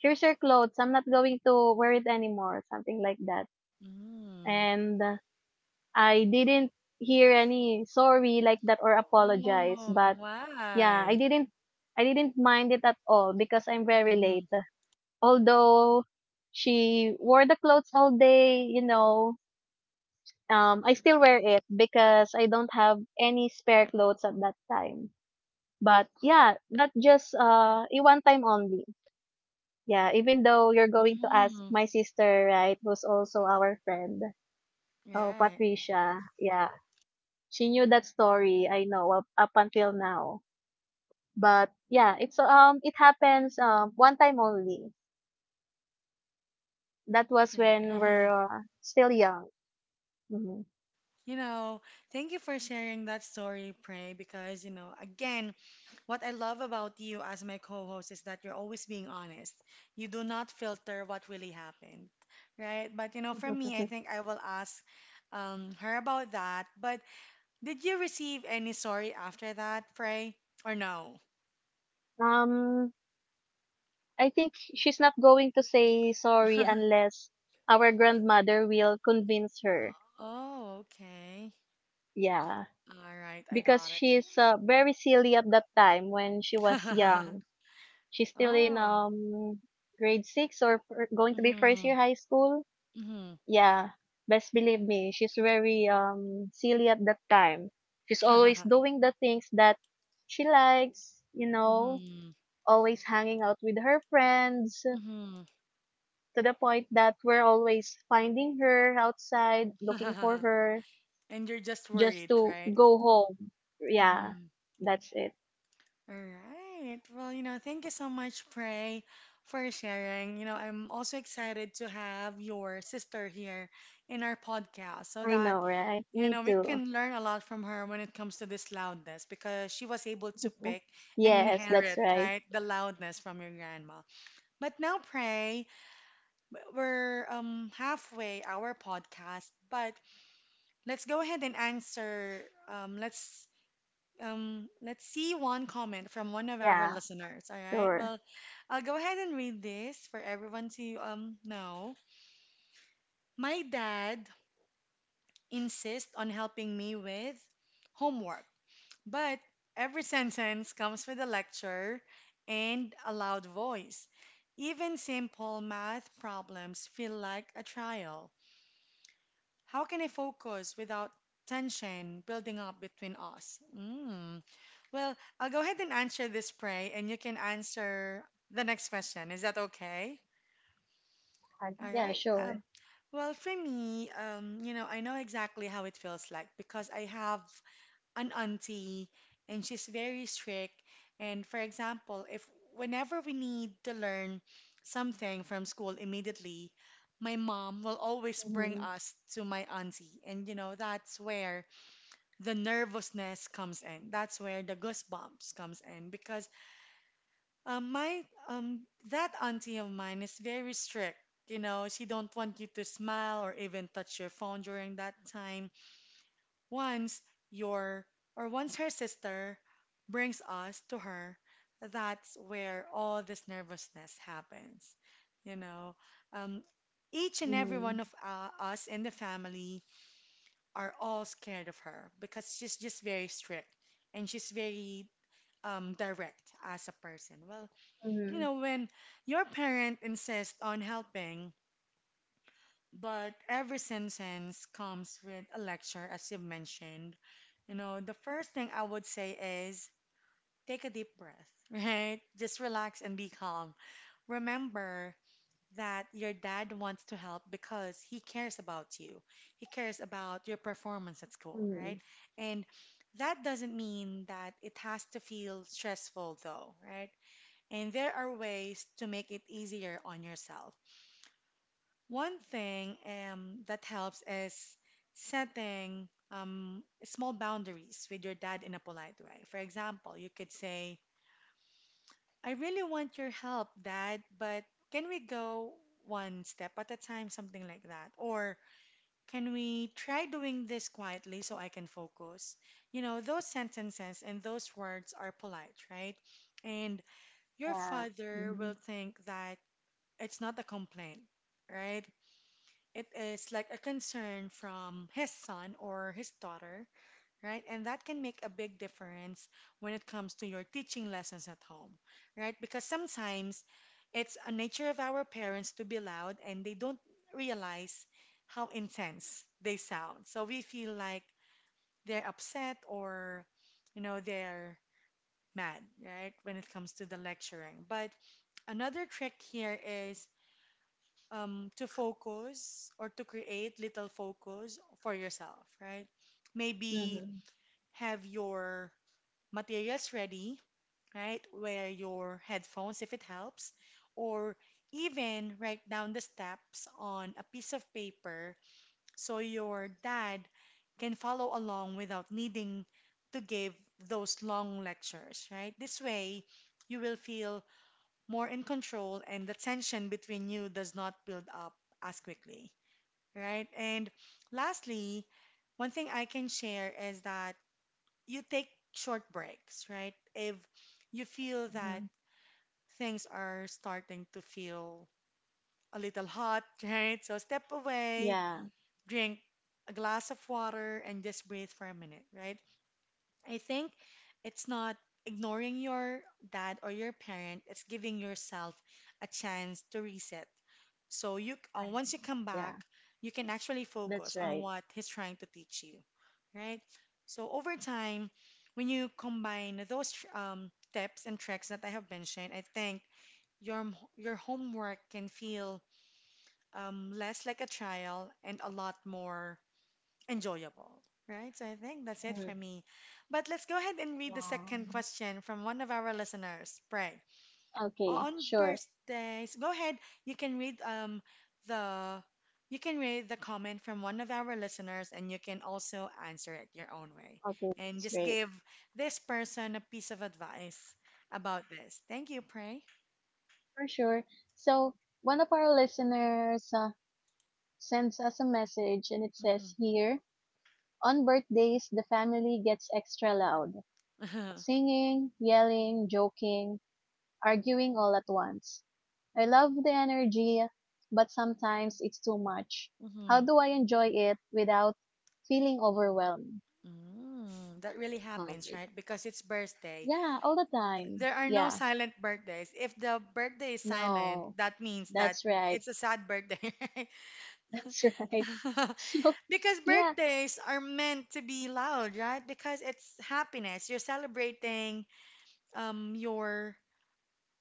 [SPEAKER 2] here's your clothes, I'm not going to wear it anymore, something like that.
[SPEAKER 1] Mm.
[SPEAKER 2] And I didn't hear any sorry like that or apologize,
[SPEAKER 1] Oh,
[SPEAKER 2] but yeah,
[SPEAKER 1] why?
[SPEAKER 2] I didn't mind it at all because I'm very
[SPEAKER 1] Mhm.
[SPEAKER 2] late. Although she wore the clothes all day, you know, I still wear it because I don't have any spare clothes at that time. But yeah, not just a one time only. Yeah, even though you're going to ask
[SPEAKER 1] Mm.
[SPEAKER 2] my sister, right, who's also our friend, oh
[SPEAKER 1] Right.
[SPEAKER 2] Patricia, yeah, she knew that story. I know up until now, but yeah, it happens one time only. That was when we're still young. Mhm.
[SPEAKER 1] You know, thank you for sharing that story, Pray, because, you know, again, what I love about you as my co host is that you're always being honest. You do not filter what really happened, right? But, you know, for me, I think I will ask her about that. But did you receive any sorry after that, Pray, or no?
[SPEAKER 2] um, I think she's not going to say sorry unless our grandmother will convince her.
[SPEAKER 1] Oh, okay.
[SPEAKER 2] Yeah,
[SPEAKER 1] All right, I
[SPEAKER 2] because
[SPEAKER 1] got
[SPEAKER 2] she's very silly at that time when she was
[SPEAKER 1] it.
[SPEAKER 2] young. She's still in
[SPEAKER 1] Oh.
[SPEAKER 2] grade six or going to be first
[SPEAKER 1] Mm-hmm.
[SPEAKER 2] year high school.
[SPEAKER 1] Mm-hmm.
[SPEAKER 2] Yeah, best believe me, she's very silly at that time. She's always doing the things that she likes, you know,
[SPEAKER 1] Mm-hmm.
[SPEAKER 2] always hanging out with her friends,
[SPEAKER 1] Mm-hmm.
[SPEAKER 2] to the point that we're always finding her outside, looking for her
[SPEAKER 1] And you're just
[SPEAKER 2] just
[SPEAKER 1] worried,
[SPEAKER 2] to
[SPEAKER 1] right?
[SPEAKER 2] go home. Yeah,
[SPEAKER 1] Mm-hmm.
[SPEAKER 2] that's it.
[SPEAKER 1] All right. Well, you know, thank you so much, Prey, for sharing. You know, I'm also excited to have your sister here in our podcast so
[SPEAKER 2] I
[SPEAKER 1] that,
[SPEAKER 2] know, right?
[SPEAKER 1] you
[SPEAKER 2] Me
[SPEAKER 1] know, we
[SPEAKER 2] too.
[SPEAKER 1] can learn a lot from her when it comes to this loudness because she was able to pick and
[SPEAKER 2] Yes, that's
[SPEAKER 1] inherit,
[SPEAKER 2] right.
[SPEAKER 1] right, the loudness from your grandma. But now, Prey, we're halfway our podcast, but let's go ahead and answer um let's let's see one comment from one of our
[SPEAKER 2] Yeah,
[SPEAKER 1] listeners. All right.
[SPEAKER 2] sure.
[SPEAKER 1] Well, I'll go ahead and read this for everyone to know. My dad insists on helping me with homework, but every sentence comes with a lecture and a loud voice. Even simple math problems feel like a trial. How can I focus without tension building up between us? Mm. Well, I'll go ahead and answer this, Pray, and you can answer the next question. Is that okay?
[SPEAKER 2] Like,
[SPEAKER 1] All
[SPEAKER 2] yeah,
[SPEAKER 1] right.
[SPEAKER 2] sure.
[SPEAKER 1] Well, for me, you know, I know exactly how it feels like because I have an auntie and she's very strict. And for example, if whenever we need to learn something from school immediately, my mom will always bring
[SPEAKER 2] Mm-hmm.
[SPEAKER 1] us to my auntie. And you know, that's where the nervousness comes in. That's where the goosebumps comes in because my um, that auntie of mine is very strict. You know, she don't want you to smile or even touch your phone during that time. Once your or once her sister brings us to her, that's where all this nervousness happens. You know, um, each and every
[SPEAKER 2] Mm-hmm.
[SPEAKER 1] one of us in the family are all scared of her because she's just very strict and she's very direct as a person. Well, you
[SPEAKER 2] Mm-hmm.
[SPEAKER 1] know, when your parent insists on helping, but every sentence comes with a lecture, as you've mentioned, you know, the first thing I would say is take a deep breath, right? Just relax and be calm. Remember that your dad wants to help because he cares about you, he cares about your performance at school, right?
[SPEAKER 2] Mm-hmm.
[SPEAKER 1] And that doesn't mean that it has to feel stressful, though, right? And there are ways to make it easier on yourself. One thing that helps is setting small boundaries with your dad in a polite way. For example, you could say, I really want your help, dad, but can we go one step at a time? Something like that. Or can we try doing this quietly so I can focus? You know, those sentences and those words are polite, right? And your
[SPEAKER 2] Yeah.
[SPEAKER 1] father will
[SPEAKER 2] Mm-hmm.
[SPEAKER 1] think that it's not a complaint, right? It is like a concern from his son or his daughter, right? And that can make a big difference when it comes to your teaching lessons at home, right? Because sometimes it's a nature of our parents to be loud and they don't realize how intense they sound. So we feel like they're upset or, you know, they're mad, right? When it comes to the lecturing. But another trick here is to focus or to create little focus for yourself, right? Maybe
[SPEAKER 2] Mm-hmm.
[SPEAKER 1] have your materials ready, right? Wear your headphones if it helps, or even write down the steps on a piece of paper so your dad can follow along without needing to give those long lectures, right? This way, you will feel more in control and the tension between you does not build up as quickly right? And lastly, one thing I can share is that you take short breaks, right? If you feel that
[SPEAKER 2] Mm-hmm.
[SPEAKER 1] things are starting to feel a little hot, right? So step away,
[SPEAKER 2] Yeah.
[SPEAKER 1] drink a glass of water, and just breathe for a minute, right? I think it's not ignoring your dad or your parent, it's giving yourself a chance to reset. So you
[SPEAKER 2] Alright.
[SPEAKER 1] once you come back,
[SPEAKER 2] Yeah,
[SPEAKER 1] you can actually focus
[SPEAKER 2] that's
[SPEAKER 1] on
[SPEAKER 2] right.
[SPEAKER 1] what he's trying to teach you, right? So over time, when you combine those tips and tricks that I have mentioned, I think your your homework can feel less like a trial and a lot more enjoyable, right? So I think that's it
[SPEAKER 2] Mm-hmm.
[SPEAKER 1] for me. But let's go ahead and read the
[SPEAKER 2] Wow.
[SPEAKER 1] second question from one of our listeners. Pray.
[SPEAKER 2] Okay,
[SPEAKER 1] On
[SPEAKER 2] sure.
[SPEAKER 1] birthdays, go ahead. You can read the you can read the comment from one of our listeners and you can also answer it your own way.
[SPEAKER 2] Okay,
[SPEAKER 1] And
[SPEAKER 2] that's
[SPEAKER 1] just
[SPEAKER 2] great.
[SPEAKER 1] give this person a piece of advice about this. Thank you, Pray.
[SPEAKER 2] For sure. So, one of our listeners sends us a message, and it
[SPEAKER 1] Hmm.
[SPEAKER 2] says here, on birthdays, the family gets extra loud. Singing, yelling, joking, arguing all at once. I love the energy, but sometimes it's too much. How
[SPEAKER 1] Hmm.
[SPEAKER 2] do I enjoy it without feeling overwhelmed?
[SPEAKER 1] Mm, that really
[SPEAKER 2] All
[SPEAKER 1] happens,
[SPEAKER 2] right.
[SPEAKER 1] right? Because it's birthday.
[SPEAKER 2] Yeah, all the time.
[SPEAKER 1] There are no
[SPEAKER 2] Yeah,
[SPEAKER 1] silent birthdays. If the birthday is silent,
[SPEAKER 2] no,
[SPEAKER 1] that means that
[SPEAKER 2] that's right.
[SPEAKER 1] it's a sad birthday,
[SPEAKER 2] That's right.
[SPEAKER 1] right?
[SPEAKER 2] So,
[SPEAKER 1] Because
[SPEAKER 2] yeah,
[SPEAKER 1] birthdays are meant to be loud, right? Because it's happiness. You're celebrating um your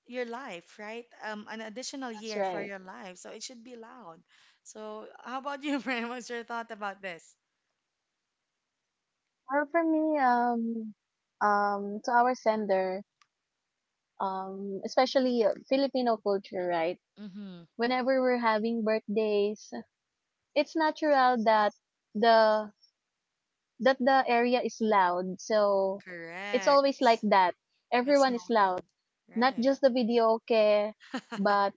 [SPEAKER 1] your life, right? An additional
[SPEAKER 2] that's
[SPEAKER 1] year for
[SPEAKER 2] right.
[SPEAKER 1] your life, so it should be loud. So, how about you, Brian? What's your thought about this?
[SPEAKER 2] Or for me, to our sender, especially Filipino culture, right?
[SPEAKER 1] Mm-hmm.
[SPEAKER 2] Whenever we're having birthdays, it's natural the that the area is loud. So it's always like
[SPEAKER 1] Correct.
[SPEAKER 2] that.
[SPEAKER 1] It's
[SPEAKER 2] Everyone is
[SPEAKER 1] normal,
[SPEAKER 2] loud, not
[SPEAKER 1] right?
[SPEAKER 2] just the videoke, but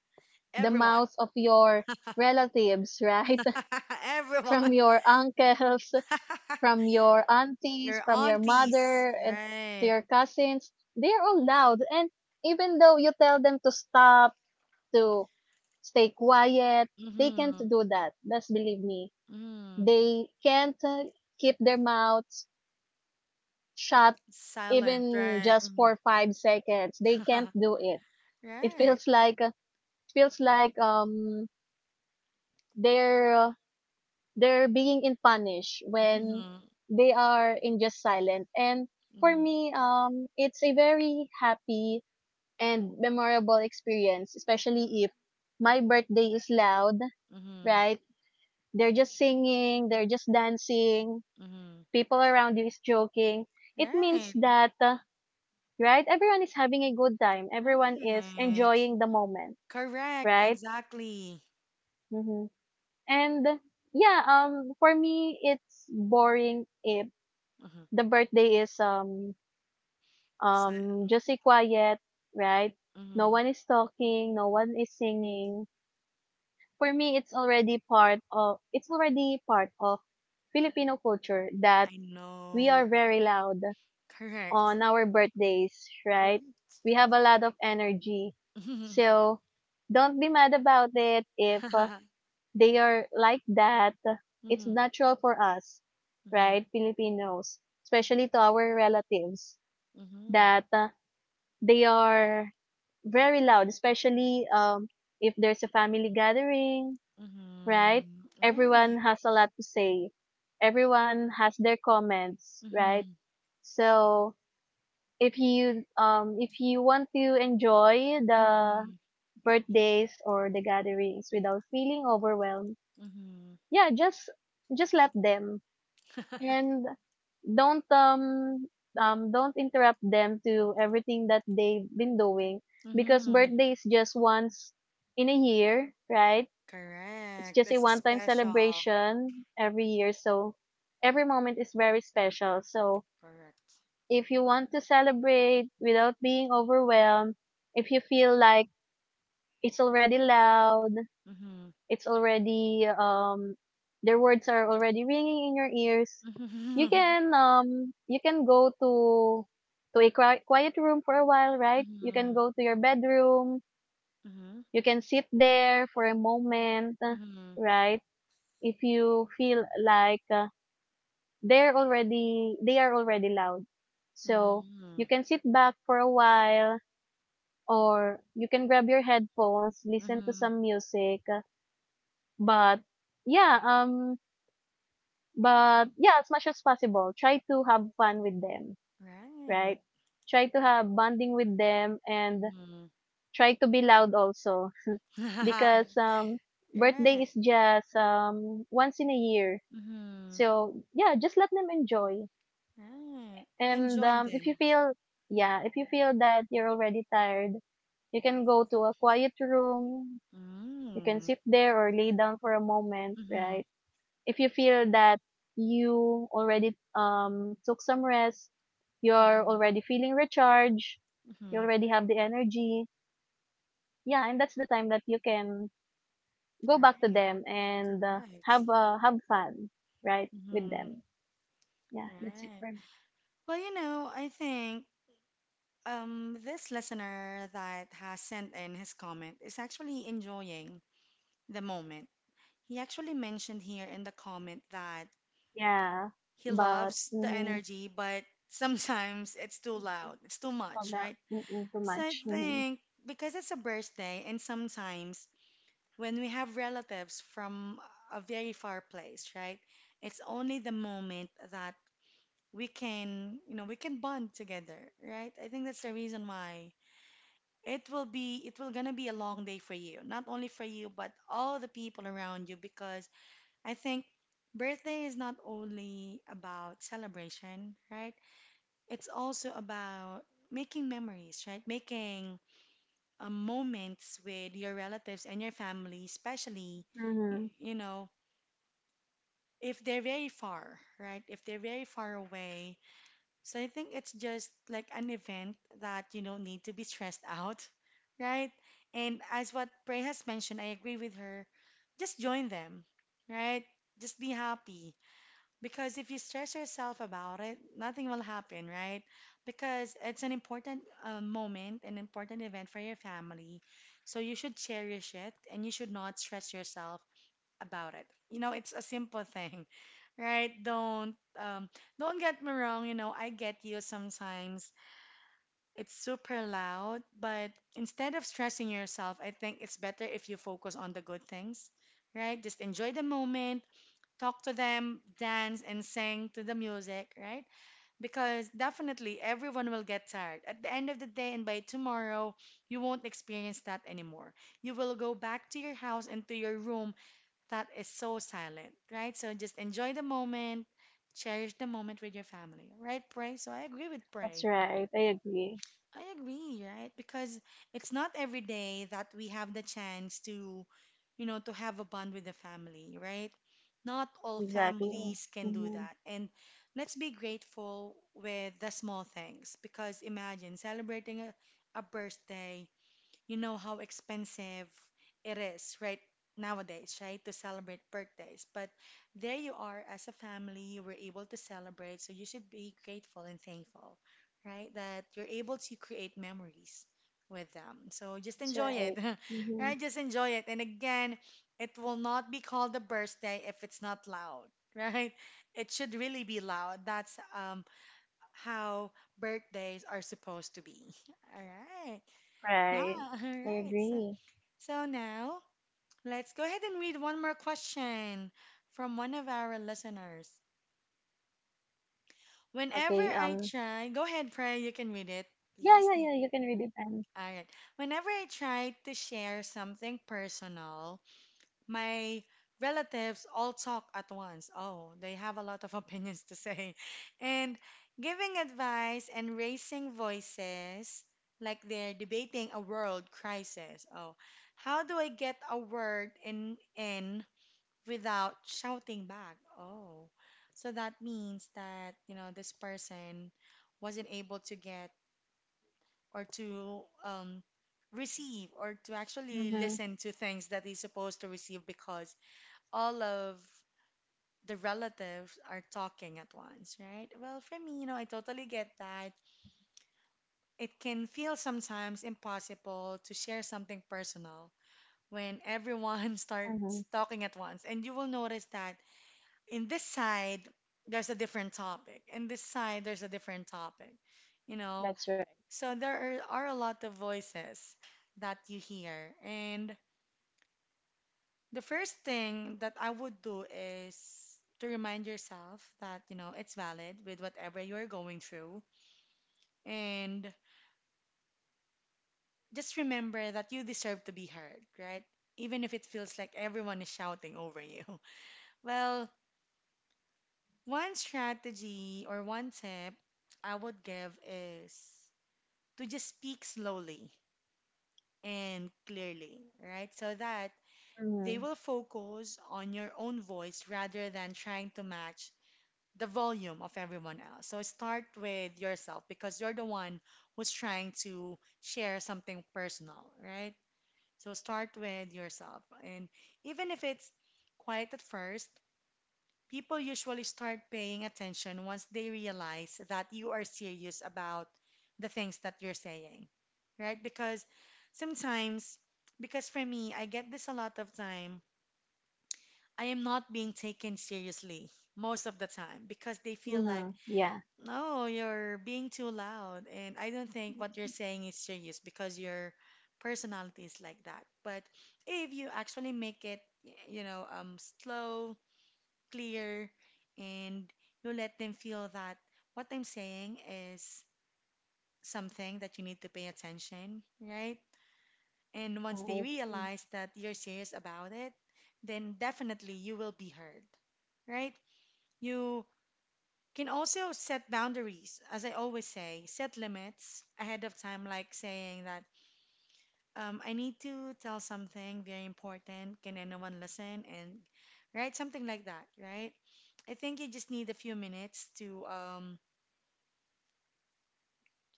[SPEAKER 2] the
[SPEAKER 1] Everyone,
[SPEAKER 2] mouths of your relatives, right?
[SPEAKER 1] everyone.
[SPEAKER 2] From your uncles, from your aunties,
[SPEAKER 1] Your
[SPEAKER 2] from your
[SPEAKER 1] aunties,
[SPEAKER 2] mother, and to
[SPEAKER 1] right?
[SPEAKER 2] your cousins. They are all loud, and even though you tell them to stop, to stay quiet, they can't
[SPEAKER 1] Mm-hmm.
[SPEAKER 2] do that. Just believe me.
[SPEAKER 1] Mm-hmm.
[SPEAKER 2] They can't keep their mouths shut
[SPEAKER 1] Silent,
[SPEAKER 2] even
[SPEAKER 1] right?
[SPEAKER 2] just
[SPEAKER 1] Mm-hmm.
[SPEAKER 2] for 5 seconds. They can't do it. It
[SPEAKER 1] Right.
[SPEAKER 2] feels like uh, feels like they're uh, they're being in punish when
[SPEAKER 1] Mm-hmm.
[SPEAKER 2] they are in just silent. And for
[SPEAKER 1] Mm-hmm.
[SPEAKER 2] me, it's a very happy and memorable experience, especially if my birthday is loud,
[SPEAKER 1] Mm-hmm.
[SPEAKER 2] right? They're just singing, they're just dancing,
[SPEAKER 1] Mm-hmm.
[SPEAKER 2] people around you is joking, it means
[SPEAKER 1] Right.
[SPEAKER 2] that, right, everyone is having a good time. Everyone is
[SPEAKER 1] Right.
[SPEAKER 2] enjoying the moment,
[SPEAKER 1] Correct.
[SPEAKER 2] right?
[SPEAKER 1] Exactly.
[SPEAKER 2] Mm-hmm. And yeah, for me, it's boring if
[SPEAKER 1] Mm-hmm.
[SPEAKER 2] the birthday is
[SPEAKER 1] So,
[SPEAKER 2] just a quiet, right? No
[SPEAKER 1] mm-hmm.
[SPEAKER 2] one is talking, no one is singing. For me, it's already part of Filipino culture that
[SPEAKER 1] I
[SPEAKER 2] we are
[SPEAKER 1] know.
[SPEAKER 2] very loud
[SPEAKER 1] Correct.
[SPEAKER 2] on our birthdays, right?
[SPEAKER 1] Correct.
[SPEAKER 2] We have a lot of energy.
[SPEAKER 1] Mm-hmm.
[SPEAKER 2] So don't be mad about it if they are like that. It's
[SPEAKER 1] Mm-hmm.
[SPEAKER 2] natural for us, right? Filipinos, especially to our relatives
[SPEAKER 1] Mm-hmm.
[SPEAKER 2] that they are very loud, especially if there's a family gathering, right?
[SPEAKER 1] Mm-hmm. Right. Mm-hmm.
[SPEAKER 2] Everyone
[SPEAKER 1] Right.
[SPEAKER 2] has a lot to say. Everyone has their comments, right? So if you want to enjoy the
[SPEAKER 1] Mm-hmm.
[SPEAKER 2] birthdays or the gatherings without feeling overwhelmed,
[SPEAKER 1] Mm-hmm.
[SPEAKER 2] yeah just just let them, and don't um don't interrupt them to everything that they've been doing, because
[SPEAKER 1] Mm-hmm.
[SPEAKER 2] birthday is just once in a year, right? It's
[SPEAKER 1] Correct.
[SPEAKER 2] just a
[SPEAKER 1] That's a
[SPEAKER 2] one time
[SPEAKER 1] special.
[SPEAKER 2] celebration every year, so every moment is very special. So
[SPEAKER 1] Correct.
[SPEAKER 2] if you want to celebrate without being overwhelmed, if you feel like it's already loud,
[SPEAKER 1] Mhm.
[SPEAKER 2] it's already their words are already ringing in your ears,
[SPEAKER 1] Mhm.
[SPEAKER 2] you can go to a quiet room for a while, right? You can
[SPEAKER 1] Mhm.
[SPEAKER 2] go to your bedroom,
[SPEAKER 1] Mhm.
[SPEAKER 2] you can sit there for a moment,
[SPEAKER 1] Mhm.
[SPEAKER 2] right? If you feel like they are already loud. So, you
[SPEAKER 1] Mhm.
[SPEAKER 2] can sit back for a while or you can grab your headphones, listen to
[SPEAKER 1] Mhm.
[SPEAKER 2] some music. But yeah, um, yeah, as much as possible, try to have fun with them,
[SPEAKER 1] Right.
[SPEAKER 2] right? Try to have bonding with them and
[SPEAKER 1] Mhm.
[SPEAKER 2] try to be loud also because birthday
[SPEAKER 1] Right.
[SPEAKER 2] is just once in a year.
[SPEAKER 1] Mhm.
[SPEAKER 2] So yeah, just let them enjoy.
[SPEAKER 1] Right. And
[SPEAKER 2] And
[SPEAKER 1] join
[SPEAKER 2] if you
[SPEAKER 1] them.
[SPEAKER 2] feel yeah, if you feel that you're already tired, you can go to a quiet room. You can
[SPEAKER 1] Mm.
[SPEAKER 2] sit there or lay down for a moment,
[SPEAKER 1] Mhm.
[SPEAKER 2] right? If you feel that you already took some rest, you're
[SPEAKER 1] Mhm.
[SPEAKER 2] already feeling recharged, you
[SPEAKER 1] Mhm.
[SPEAKER 2] already have the energy. Yeah, and that's the time that you can go
[SPEAKER 1] Right.
[SPEAKER 2] back to
[SPEAKER 1] Correct.
[SPEAKER 2] them and have fun, right, with
[SPEAKER 1] Mhm.
[SPEAKER 2] them. Yeah, that's it
[SPEAKER 1] Right.
[SPEAKER 2] for me.
[SPEAKER 1] Well, you know, I think this listener that has sent in his comment is actually enjoying the moment. He actually mentioned here in the comment that
[SPEAKER 2] Yeah,
[SPEAKER 1] he
[SPEAKER 2] but
[SPEAKER 1] loves the energy, but sometimes it's too loud, it's too
[SPEAKER 2] found
[SPEAKER 1] much,
[SPEAKER 2] out.
[SPEAKER 1] right?
[SPEAKER 2] Mm-mm, too
[SPEAKER 1] So I
[SPEAKER 2] much. Mm-hmm.
[SPEAKER 1] think because it's a birthday, and sometimes when we have relatives from a very far place, right? It's only the moment that we can, you know, we can bond together, right? I think that's the reason why it will gonna be a long day for you, not only for you, but all the people around you because I think birthday is not only about celebration, right? It's also about making memories, right? Making moments with your relatives and your family, especially, y-
[SPEAKER 2] Mm-hmm.
[SPEAKER 1] you know, if they're very far, right? If they're very far away. So I think it's just like an event that you don't need to be stressed out, right? And as what Prey has mentioned, I agree with her. Just join them, right? Just be happy. Because if you stress yourself about it, nothing will happen, right? Because it's an important moment, an important event for your family. So you should cherish it and you should not stress yourself about it. You know, it's a simple thing, right? Don't get me wrong, you know, I get you sometimes. It's super loud, but instead of stressing yourself, I think it's better if you focus on the good things, right? Just enjoy the moment, talk to them, dance and sing to the music, right? Because definitely everyone will get tired. At the end of the day and by tomorrow, you won't experience that anymore. You will go back to your house and to your room that is so silent, right? So just enjoy the moment, cherish the moment with your family, right, Pray? So I agree with
[SPEAKER 2] That's
[SPEAKER 1] Pray.
[SPEAKER 2] right. I agree.
[SPEAKER 1] I agree, right? Because it's not every day that we have the chance to, you know, to have a bond with the family, right? Not all
[SPEAKER 2] Exactly.
[SPEAKER 1] families can do
[SPEAKER 2] Mm-hmm.
[SPEAKER 1] that. And let's be grateful with the small things because imagine celebrating a birthday, you know how expensive it is, right, nowadays, right, to celebrate birthdays. But there you are as a family, you were able to celebrate, so you should be grateful and thankful, right, that you're able to create memories with them. So just
[SPEAKER 2] That's
[SPEAKER 1] enjoy it,
[SPEAKER 2] right. Mm-hmm.
[SPEAKER 1] right? Just enjoy it. And again, it will not be called a birthday if it's not loud, right? It should really be loud. That's How birthdays are supposed to be. All right. Nah,
[SPEAKER 2] Right?
[SPEAKER 1] all
[SPEAKER 2] I
[SPEAKER 1] right. So
[SPEAKER 2] agree.
[SPEAKER 1] so now, let's go ahead and read one more question from one of our listeners. Whenever
[SPEAKER 2] Okay.
[SPEAKER 1] I try, go ahead, Pray, you can read it,
[SPEAKER 2] Yeah.
[SPEAKER 1] please.
[SPEAKER 2] Yeah. Yeah. You can read it. And.
[SPEAKER 1] All right. Whenever I try to share something personal, my relatives all talk at once. Oh, they have a lot of opinions to say. And giving advice and raising voices like they're debating a world crisis. Oh, how do I get a word in without shouting back. Oh, so that means that, you know, this person wasn't able to get or to receive or to actually
[SPEAKER 2] Mm-hmm.
[SPEAKER 1] listen to things that he's supposed to receive because all of the relatives are talking at once, right? Well, for me, you know, I totally get that. It can feel sometimes impossible to share something personal when everyone
[SPEAKER 2] Mm-hmm.
[SPEAKER 1] starts talking at once. And you will notice that in this side there's a different topic, in this side there's a different topic, you know,
[SPEAKER 2] That's right.
[SPEAKER 1] so there are a lot of voices that you hear, and the first thing that I would do is to remind yourself that, you know, it's valid with whatever you're going through, and just remember that you deserve to be heard, right, even if it feels like everyone is shouting over you. Well, one strategy or one tip I would give is to just speak slowly and clearly, right? So that
[SPEAKER 2] Mm-hmm.
[SPEAKER 1] they will focus on your own voice rather than trying to match the volume of everyone else. So start with yourself because you're the one who's trying to share something personal, right? So start with yourself. And even if it's quiet at first, people usually start paying attention once they realize that you are serious about the things that you're saying, right? Because sometimes, because for me, I get this a lot of time. I am not being taken seriously most of the time because they feel
[SPEAKER 2] Mm-hmm.
[SPEAKER 1] like,
[SPEAKER 2] Yeah.
[SPEAKER 1] no, you're being too loud. And I don't think what you're saying is serious because your personality is like that. But if you actually make it, you know, slow, clear, and you let them feel that what I'm saying is something that you need to pay attention, right? And once they
[SPEAKER 2] Mm-hmm.
[SPEAKER 1] realize that you're serious about it, then definitely you will be heard, right? You can also set boundaries, as I always say, set limits ahead of time, like saying that I need to tell something very important. Can anyone listen? And right, something like that, right? I think you just need a few minutes to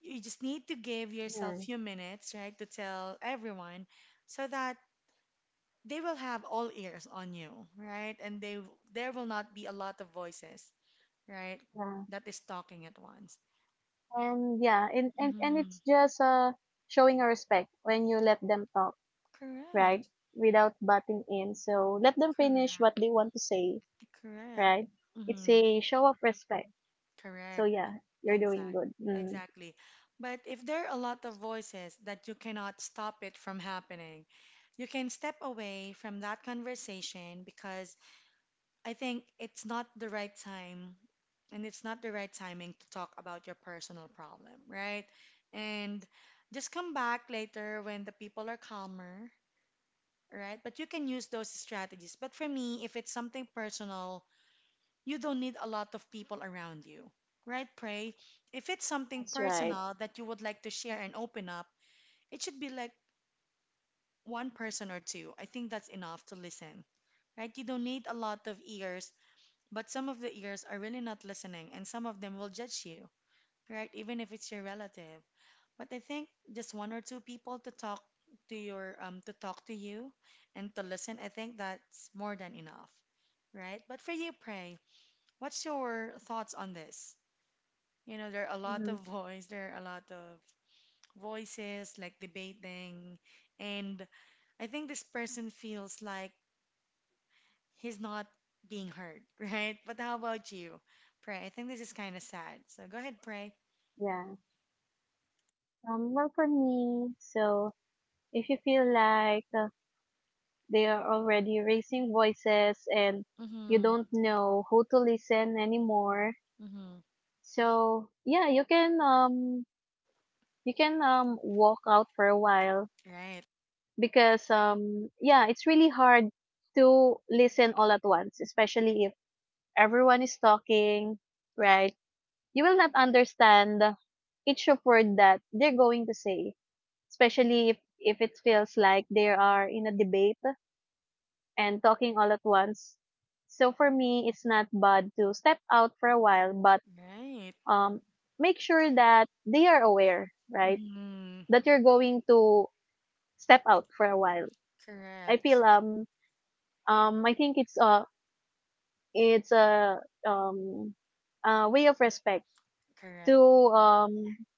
[SPEAKER 1] you just need to give yourself a few minutes, right, to tell everyone so that they will have all ears on you, right? And they there will not be a lot of voices, right,
[SPEAKER 2] Yeah.
[SPEAKER 1] that is talking at once.
[SPEAKER 2] And it's
[SPEAKER 1] Hmm.
[SPEAKER 2] just showing a respect when you let them talk, right?
[SPEAKER 1] Correct.
[SPEAKER 2] Without butting in. So let them finish what
[SPEAKER 1] Correct.
[SPEAKER 2] they want to say,
[SPEAKER 1] Correct.
[SPEAKER 2] right? It's
[SPEAKER 1] Hmm.
[SPEAKER 2] a show of respect. So
[SPEAKER 1] Correct.
[SPEAKER 2] yeah, you're doing
[SPEAKER 1] Exact.
[SPEAKER 2] good. Mm.
[SPEAKER 1] Exactly. But if there are a lot of voices that you cannot stop it from happening, you can step away from that conversation because I think it's not the right time and it's not the right timing to talk about your personal problem, right? And just come back later when the people are calmer, right? But you can use those strategies. But for me, if it's something personal, you don't need a lot of people around you, right? Pray. If it's something
[SPEAKER 2] That's right.
[SPEAKER 1] personal that you would like to share and open up, it should be like one person or two. I think that's enough to listen, right? You don't need a lot of ears. But some of the ears are really not listening, and some of them will judge you, right? Even if it's your relative. But I think just one or two people to talk to your to talk to you and to listen, I think that's more than enough, right? But for you, Pray, what's your thoughts on this? You know,
[SPEAKER 2] Mm-hmm.
[SPEAKER 1] there are a lot of voices like debating, and I think this person feels like he's not being hurt, right? But how about you, Pray? I think this is kind of sad. So go ahead, Pray.
[SPEAKER 2] Yeah. Well, for me, so if you feel like they are already raising voices and you
[SPEAKER 1] Mm-hmm.
[SPEAKER 2] don't know who to listen anymore,
[SPEAKER 1] Mm-hmm.
[SPEAKER 2] so yeah, you can walk out for a while
[SPEAKER 1] Right.
[SPEAKER 2] because yeah, it's really hard to listen all at once, especially if everyone is talking, right? You will not understand each of word that they're going to say especially if it feels like they are in a debate and talking all at once. So for me, it's not bad to step out for a while, but
[SPEAKER 1] Right.
[SPEAKER 2] um, make sure that they are aware, right?
[SPEAKER 1] Mm-hmm.
[SPEAKER 2] That you're going to step out for a while. I feel
[SPEAKER 1] Correct.
[SPEAKER 2] um I think it's a it's a um a way of respect to
[SPEAKER 1] Correct.
[SPEAKER 2] um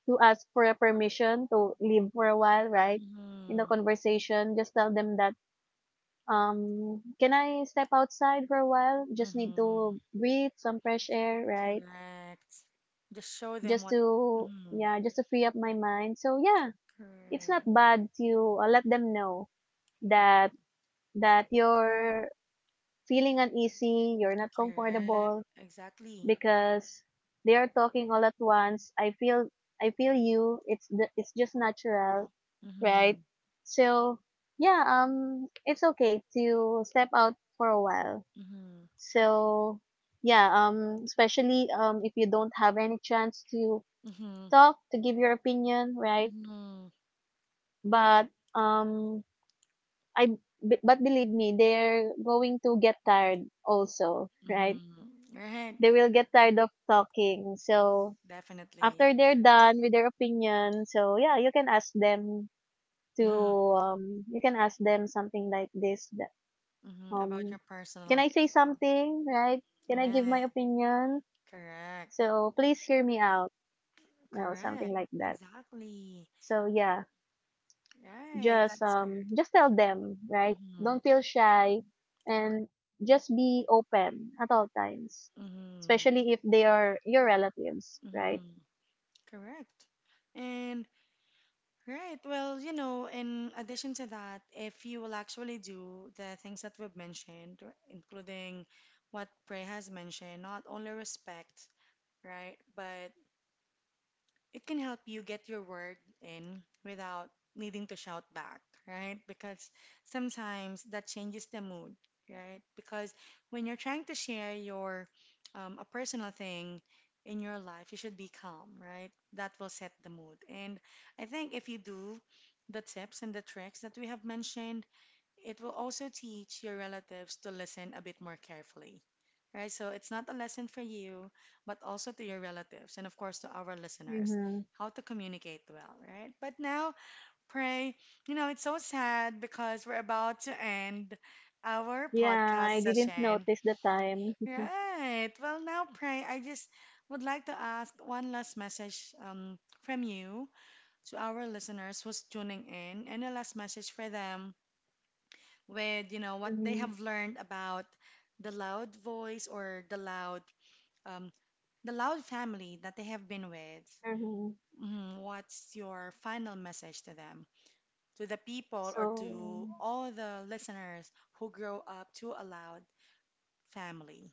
[SPEAKER 2] to ask for a permission to leave for a while, right? In the
[SPEAKER 1] Mm-hmm.
[SPEAKER 2] conversation, just tell them that can I step outside for a while? Just need to
[SPEAKER 1] Mm-hmm.
[SPEAKER 2] breathe some fresh air, right?
[SPEAKER 1] Correct. Just show them
[SPEAKER 2] Just
[SPEAKER 1] what.
[SPEAKER 2] to,
[SPEAKER 1] Mm-hmm.
[SPEAKER 2] yeah, just to free up my mind. So yeah, it's not
[SPEAKER 1] Correct.
[SPEAKER 2] bad to let them know that that you're feeling uneasy, you're not
[SPEAKER 1] Correct. Correct.
[SPEAKER 2] comfortable
[SPEAKER 1] Exactly.
[SPEAKER 2] because they are talking all at once. I feel you. It's just natural, right?
[SPEAKER 1] Mm-hmm.
[SPEAKER 2] So yeah, it's okay to step out for a while.
[SPEAKER 1] Mm-hmm.
[SPEAKER 2] So yeah, especially if you don't have any chance to
[SPEAKER 1] Mm-hmm.
[SPEAKER 2] talk to give your opinion, right?
[SPEAKER 1] Mm-hmm.
[SPEAKER 2] But um, I but believe me, they're going to get tired also, right?
[SPEAKER 1] Mm-hmm. Right.
[SPEAKER 2] They will get tired of talking. So
[SPEAKER 1] Definitely.
[SPEAKER 2] after they're done with their opinion, so yeah, you can ask them to you can ask them something like this.
[SPEAKER 1] Hmm. About your
[SPEAKER 2] Um, can
[SPEAKER 1] personal
[SPEAKER 2] I say
[SPEAKER 1] problem.
[SPEAKER 2] something, right? Can I give my
[SPEAKER 1] Right.
[SPEAKER 2] opinion?
[SPEAKER 1] Correct.
[SPEAKER 2] So please hear me out, you know, something
[SPEAKER 1] Correct.
[SPEAKER 2] like that.
[SPEAKER 1] Exactly.
[SPEAKER 2] So yeah,
[SPEAKER 1] Right. That's correct.
[SPEAKER 2] just tell them, right,
[SPEAKER 1] Mm-hmm.
[SPEAKER 2] don't feel shy and just be open at all times,
[SPEAKER 1] Mm-hmm.
[SPEAKER 2] especially if they are your relatives, right?
[SPEAKER 1] Mm-hmm. Correct. And right, well, you know, in addition to that, if you will actually do the things that we've mentioned, including what Prey has mentioned, not only respect, right, but it can help you get your word in without needing to shout back, right? Because sometimes that changes the mood, right? Because when you're trying to share your a personal thing in your life, you should be calm, right? That will set the mood. And I think if you do the tips and the tricks that we have mentioned, it will also teach your relatives to listen a bit more carefully, right? So it's not a lesson for you, but also to your relatives and, of course, to our listeners,
[SPEAKER 2] Mm-hmm.
[SPEAKER 1] how to communicate well, right? But now, pray, you know, it's so sad because we're about to end our
[SPEAKER 2] Yeah,
[SPEAKER 1] podcast
[SPEAKER 2] I didn't
[SPEAKER 1] session,
[SPEAKER 2] notice the time.
[SPEAKER 1] right? Well, now, pray, I just would like to ask one last message from you to our listeners who's tuning in, and a last message for them with, you know, what they
[SPEAKER 2] Mm-hmm.
[SPEAKER 1] have learned about the loud voice or um, the loud family that they have been with.
[SPEAKER 2] Mm-hmm.
[SPEAKER 1] Mhm. What's your final message to them, to the people or to
[SPEAKER 2] So
[SPEAKER 1] all the listeners who grow up to a loud family?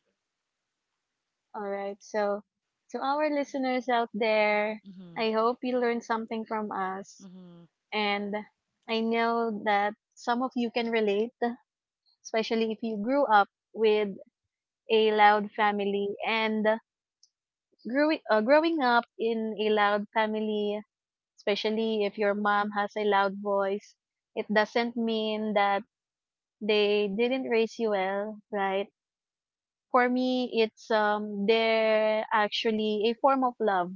[SPEAKER 2] all right, so to our listeners out there,
[SPEAKER 1] Mm-hmm.
[SPEAKER 2] I hope you learned something from us.
[SPEAKER 1] Mm-hmm.
[SPEAKER 2] And I know that some of you can relate, especially if you grew up with a loud family. And growing growing up in a loud family, especially if your mom has a loud voice, it doesn't mean that they didn't raise you well, right? For me, it's they're actually a form of love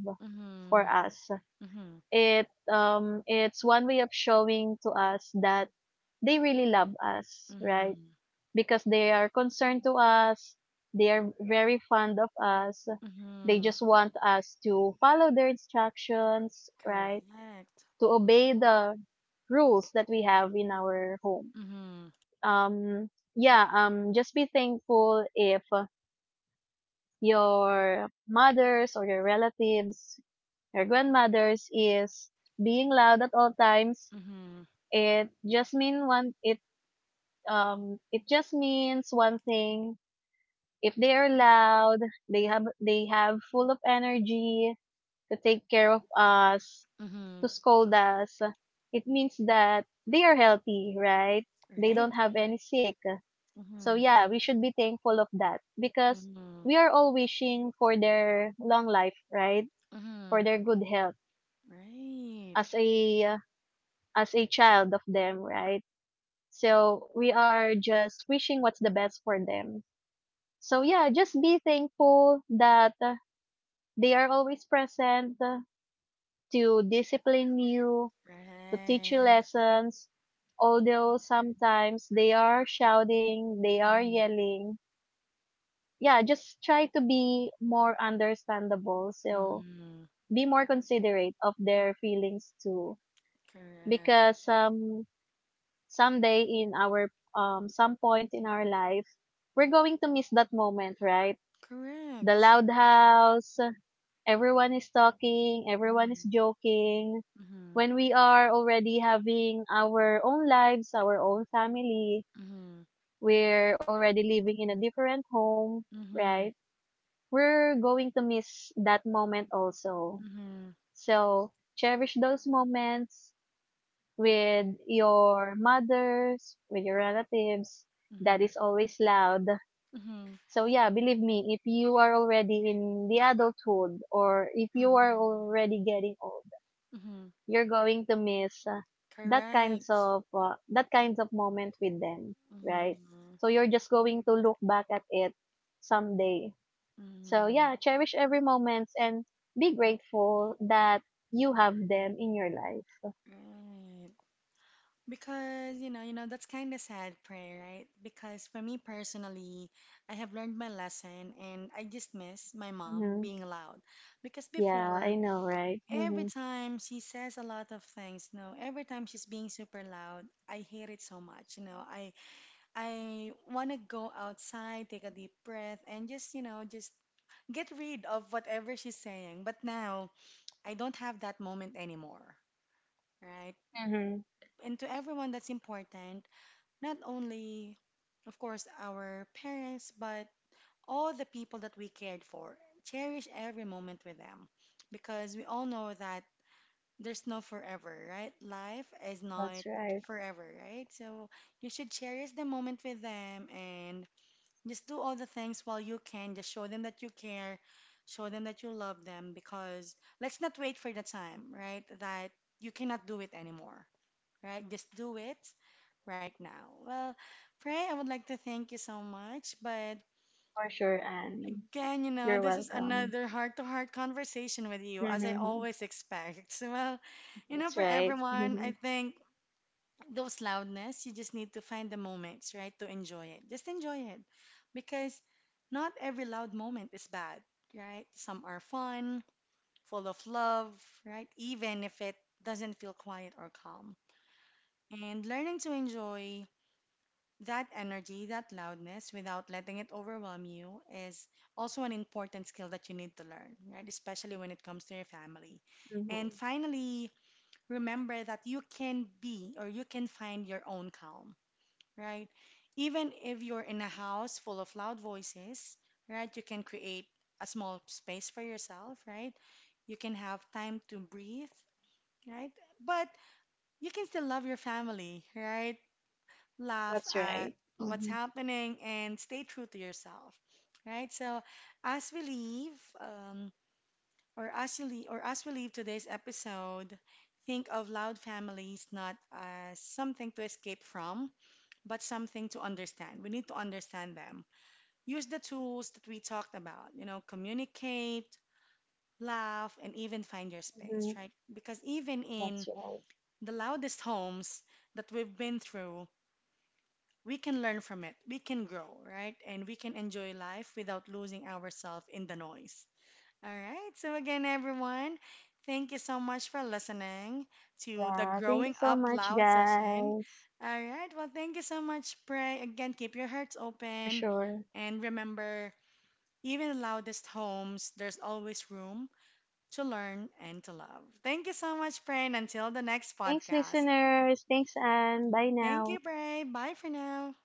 [SPEAKER 2] for
[SPEAKER 1] Mm-hmm.
[SPEAKER 2] us.
[SPEAKER 1] Mm-hmm.
[SPEAKER 2] It's one way of showing to us that they really love us, right?
[SPEAKER 1] Mm-hmm.
[SPEAKER 2] Because they are concerned to us. They are very fond of us. They
[SPEAKER 1] Mm-hmm.
[SPEAKER 2] just want us to follow their instructions, right?
[SPEAKER 1] Correct.
[SPEAKER 2] To obey the rules that we have in our home.
[SPEAKER 1] Mm-hmm.
[SPEAKER 2] Um, yeah, just be thankful if your mothers or your relatives, your grandmothers is being loud at all times.
[SPEAKER 1] Mm-hmm.
[SPEAKER 2] It it just means one thing. If they are loud, they have full of energy to take care of us,
[SPEAKER 1] Mm-hmm.
[SPEAKER 2] to scold us. It means that they are healthy, right? They
[SPEAKER 1] Right.
[SPEAKER 2] don't have any sick. So
[SPEAKER 1] Mm-hmm.
[SPEAKER 2] yeah, we should be thankful of that because
[SPEAKER 1] Mm-hmm.
[SPEAKER 2] we are all wishing for their long life, right?
[SPEAKER 1] Mm-hmm.
[SPEAKER 2] For their good health,
[SPEAKER 1] Right.
[SPEAKER 2] as a as a child of them, right? So we are just wishing what's the best for them. So yeah, just be thankful that they are always present to discipline you, to teach you
[SPEAKER 1] Right.
[SPEAKER 2] lessons, although sometimes they are shouting, they are
[SPEAKER 1] Mm-hmm.
[SPEAKER 2] yelling. Yeah, just try to be more understandable. So
[SPEAKER 1] Mm-hmm.
[SPEAKER 2] be more considerate of their feelings too.
[SPEAKER 1] Correct.
[SPEAKER 2] Because someday in our some point in our life, we're going to miss that moment, right? The
[SPEAKER 1] Correct.
[SPEAKER 2] loud house, everyone is talking, everyone is
[SPEAKER 1] Mm-hmm.
[SPEAKER 2] joking.
[SPEAKER 1] Mm-hmm.
[SPEAKER 2] When we are already having our own lives, our own family,
[SPEAKER 1] Mm-hmm.
[SPEAKER 2] we're already living in a different home,
[SPEAKER 1] Mm-hmm.
[SPEAKER 2] right? We're going to miss that moment also.
[SPEAKER 1] Mm-hmm.
[SPEAKER 2] So, cherish those moments with your mothers, with your relatives. That
[SPEAKER 1] Mm-hmm.
[SPEAKER 2] is always loud.
[SPEAKER 1] Mm-hmm.
[SPEAKER 2] So yeah, believe me, if you are already in the adulthood or if you are
[SPEAKER 1] Mm-hmm.
[SPEAKER 2] already getting old,
[SPEAKER 1] Mm-hmm.
[SPEAKER 2] you're going to miss
[SPEAKER 1] Correct.
[SPEAKER 2] that kinds of moment with them, right?
[SPEAKER 1] Mm-hmm.
[SPEAKER 2] So you're just going to look back at it someday. So
[SPEAKER 1] Mm-hmm.
[SPEAKER 2] yeah, cherish every moment and be grateful that you have them in your life.
[SPEAKER 1] Right. Because, that's kind of sad, Pray, right? Because for me personally, I have learned my lesson and I just miss my mom
[SPEAKER 2] Hmm.
[SPEAKER 1] being loud. Because
[SPEAKER 2] Yeah, I
[SPEAKER 1] before,
[SPEAKER 2] know, right?
[SPEAKER 1] every
[SPEAKER 2] Hmm.
[SPEAKER 1] time she says a lot of things, you know, every time she's being super loud, I hate it so much, you know. I want to go outside, take a deep breath, and just, you know, just get rid of whatever she's saying. But now I don't have that moment anymore, right?
[SPEAKER 2] Mm-hmm.
[SPEAKER 1] And to everyone that's important, not only, of course, our parents, but all the people that we cared for, cherish every moment with them because we all know that there's no forever, right? Life is not
[SPEAKER 2] That's right.
[SPEAKER 1] forever, right? So you should cherish the moment with them and just do all the things while you can. Just show them that you care, show them that you love them, because let's not wait for the time, right? That you cannot do it anymore, right? Just do it right now. Well, Pray, I would like to thank you so much, but
[SPEAKER 2] For sure, Anne.
[SPEAKER 1] again, you know,
[SPEAKER 2] You're
[SPEAKER 1] this is
[SPEAKER 2] welcome.
[SPEAKER 1] another heart-to-heart conversation with you, as I
[SPEAKER 2] Mm-hmm.
[SPEAKER 1] always expect. Well, you know, for
[SPEAKER 2] That's right.
[SPEAKER 1] everyone, I
[SPEAKER 2] Hmm.
[SPEAKER 1] think those loudness. You just need to find the moments, right, to enjoy it. Just enjoy it because not every loud moment is bad, right? Some are fun, full of love, right? Even if it doesn't feel quiet or calm. And learning to enjoy that energy, that loudness, without letting it overwhelm you is also an important skill that you need to learn, right? Especially when it comes to your family. And
[SPEAKER 2] Mm-hmm.
[SPEAKER 1] finally, remember that you can be or you can find your own calm, right? Even if you're in a house full of loud voices, right, you can create a small space for yourself, right? You can have time to breathe, right? But you can still love your family, right? Laugh
[SPEAKER 2] That's
[SPEAKER 1] at
[SPEAKER 2] right.
[SPEAKER 1] what's
[SPEAKER 2] Mm-hmm.
[SPEAKER 1] happening and stay true to yourself, right? So as we leave, or as you leave, or as we leave today's episode, think of loud families not as something to escape from but something to understand. We need to understand them. Use the tools that we talked about, you know, communicate, laugh, and even find your
[SPEAKER 2] Mm-hmm.
[SPEAKER 1] space, right? Because even
[SPEAKER 2] That's
[SPEAKER 1] in
[SPEAKER 2] right.
[SPEAKER 1] the loudest homes that we've been through, we can learn from it, we can grow, right? And we can enjoy life without losing ourselves in the noise. All right. So, again, everyone, thank you so much for listening to the
[SPEAKER 2] Yeah, thank you
[SPEAKER 1] Growing
[SPEAKER 2] so
[SPEAKER 1] Up
[SPEAKER 2] much,
[SPEAKER 1] Loud session.
[SPEAKER 2] guys.
[SPEAKER 1] All right. Well, thank you so much, Pray. Again, keep your hearts
[SPEAKER 2] For
[SPEAKER 1] open.
[SPEAKER 2] sure.
[SPEAKER 1] And remember, even in the loudest homes, there's always room to learn and to love. Thank you so much, Pray. And until the next
[SPEAKER 2] Thanks,
[SPEAKER 1] podcast,
[SPEAKER 2] listeners. Thanks, and bye
[SPEAKER 1] thank you,
[SPEAKER 2] now.
[SPEAKER 1] Pray. Bye for now.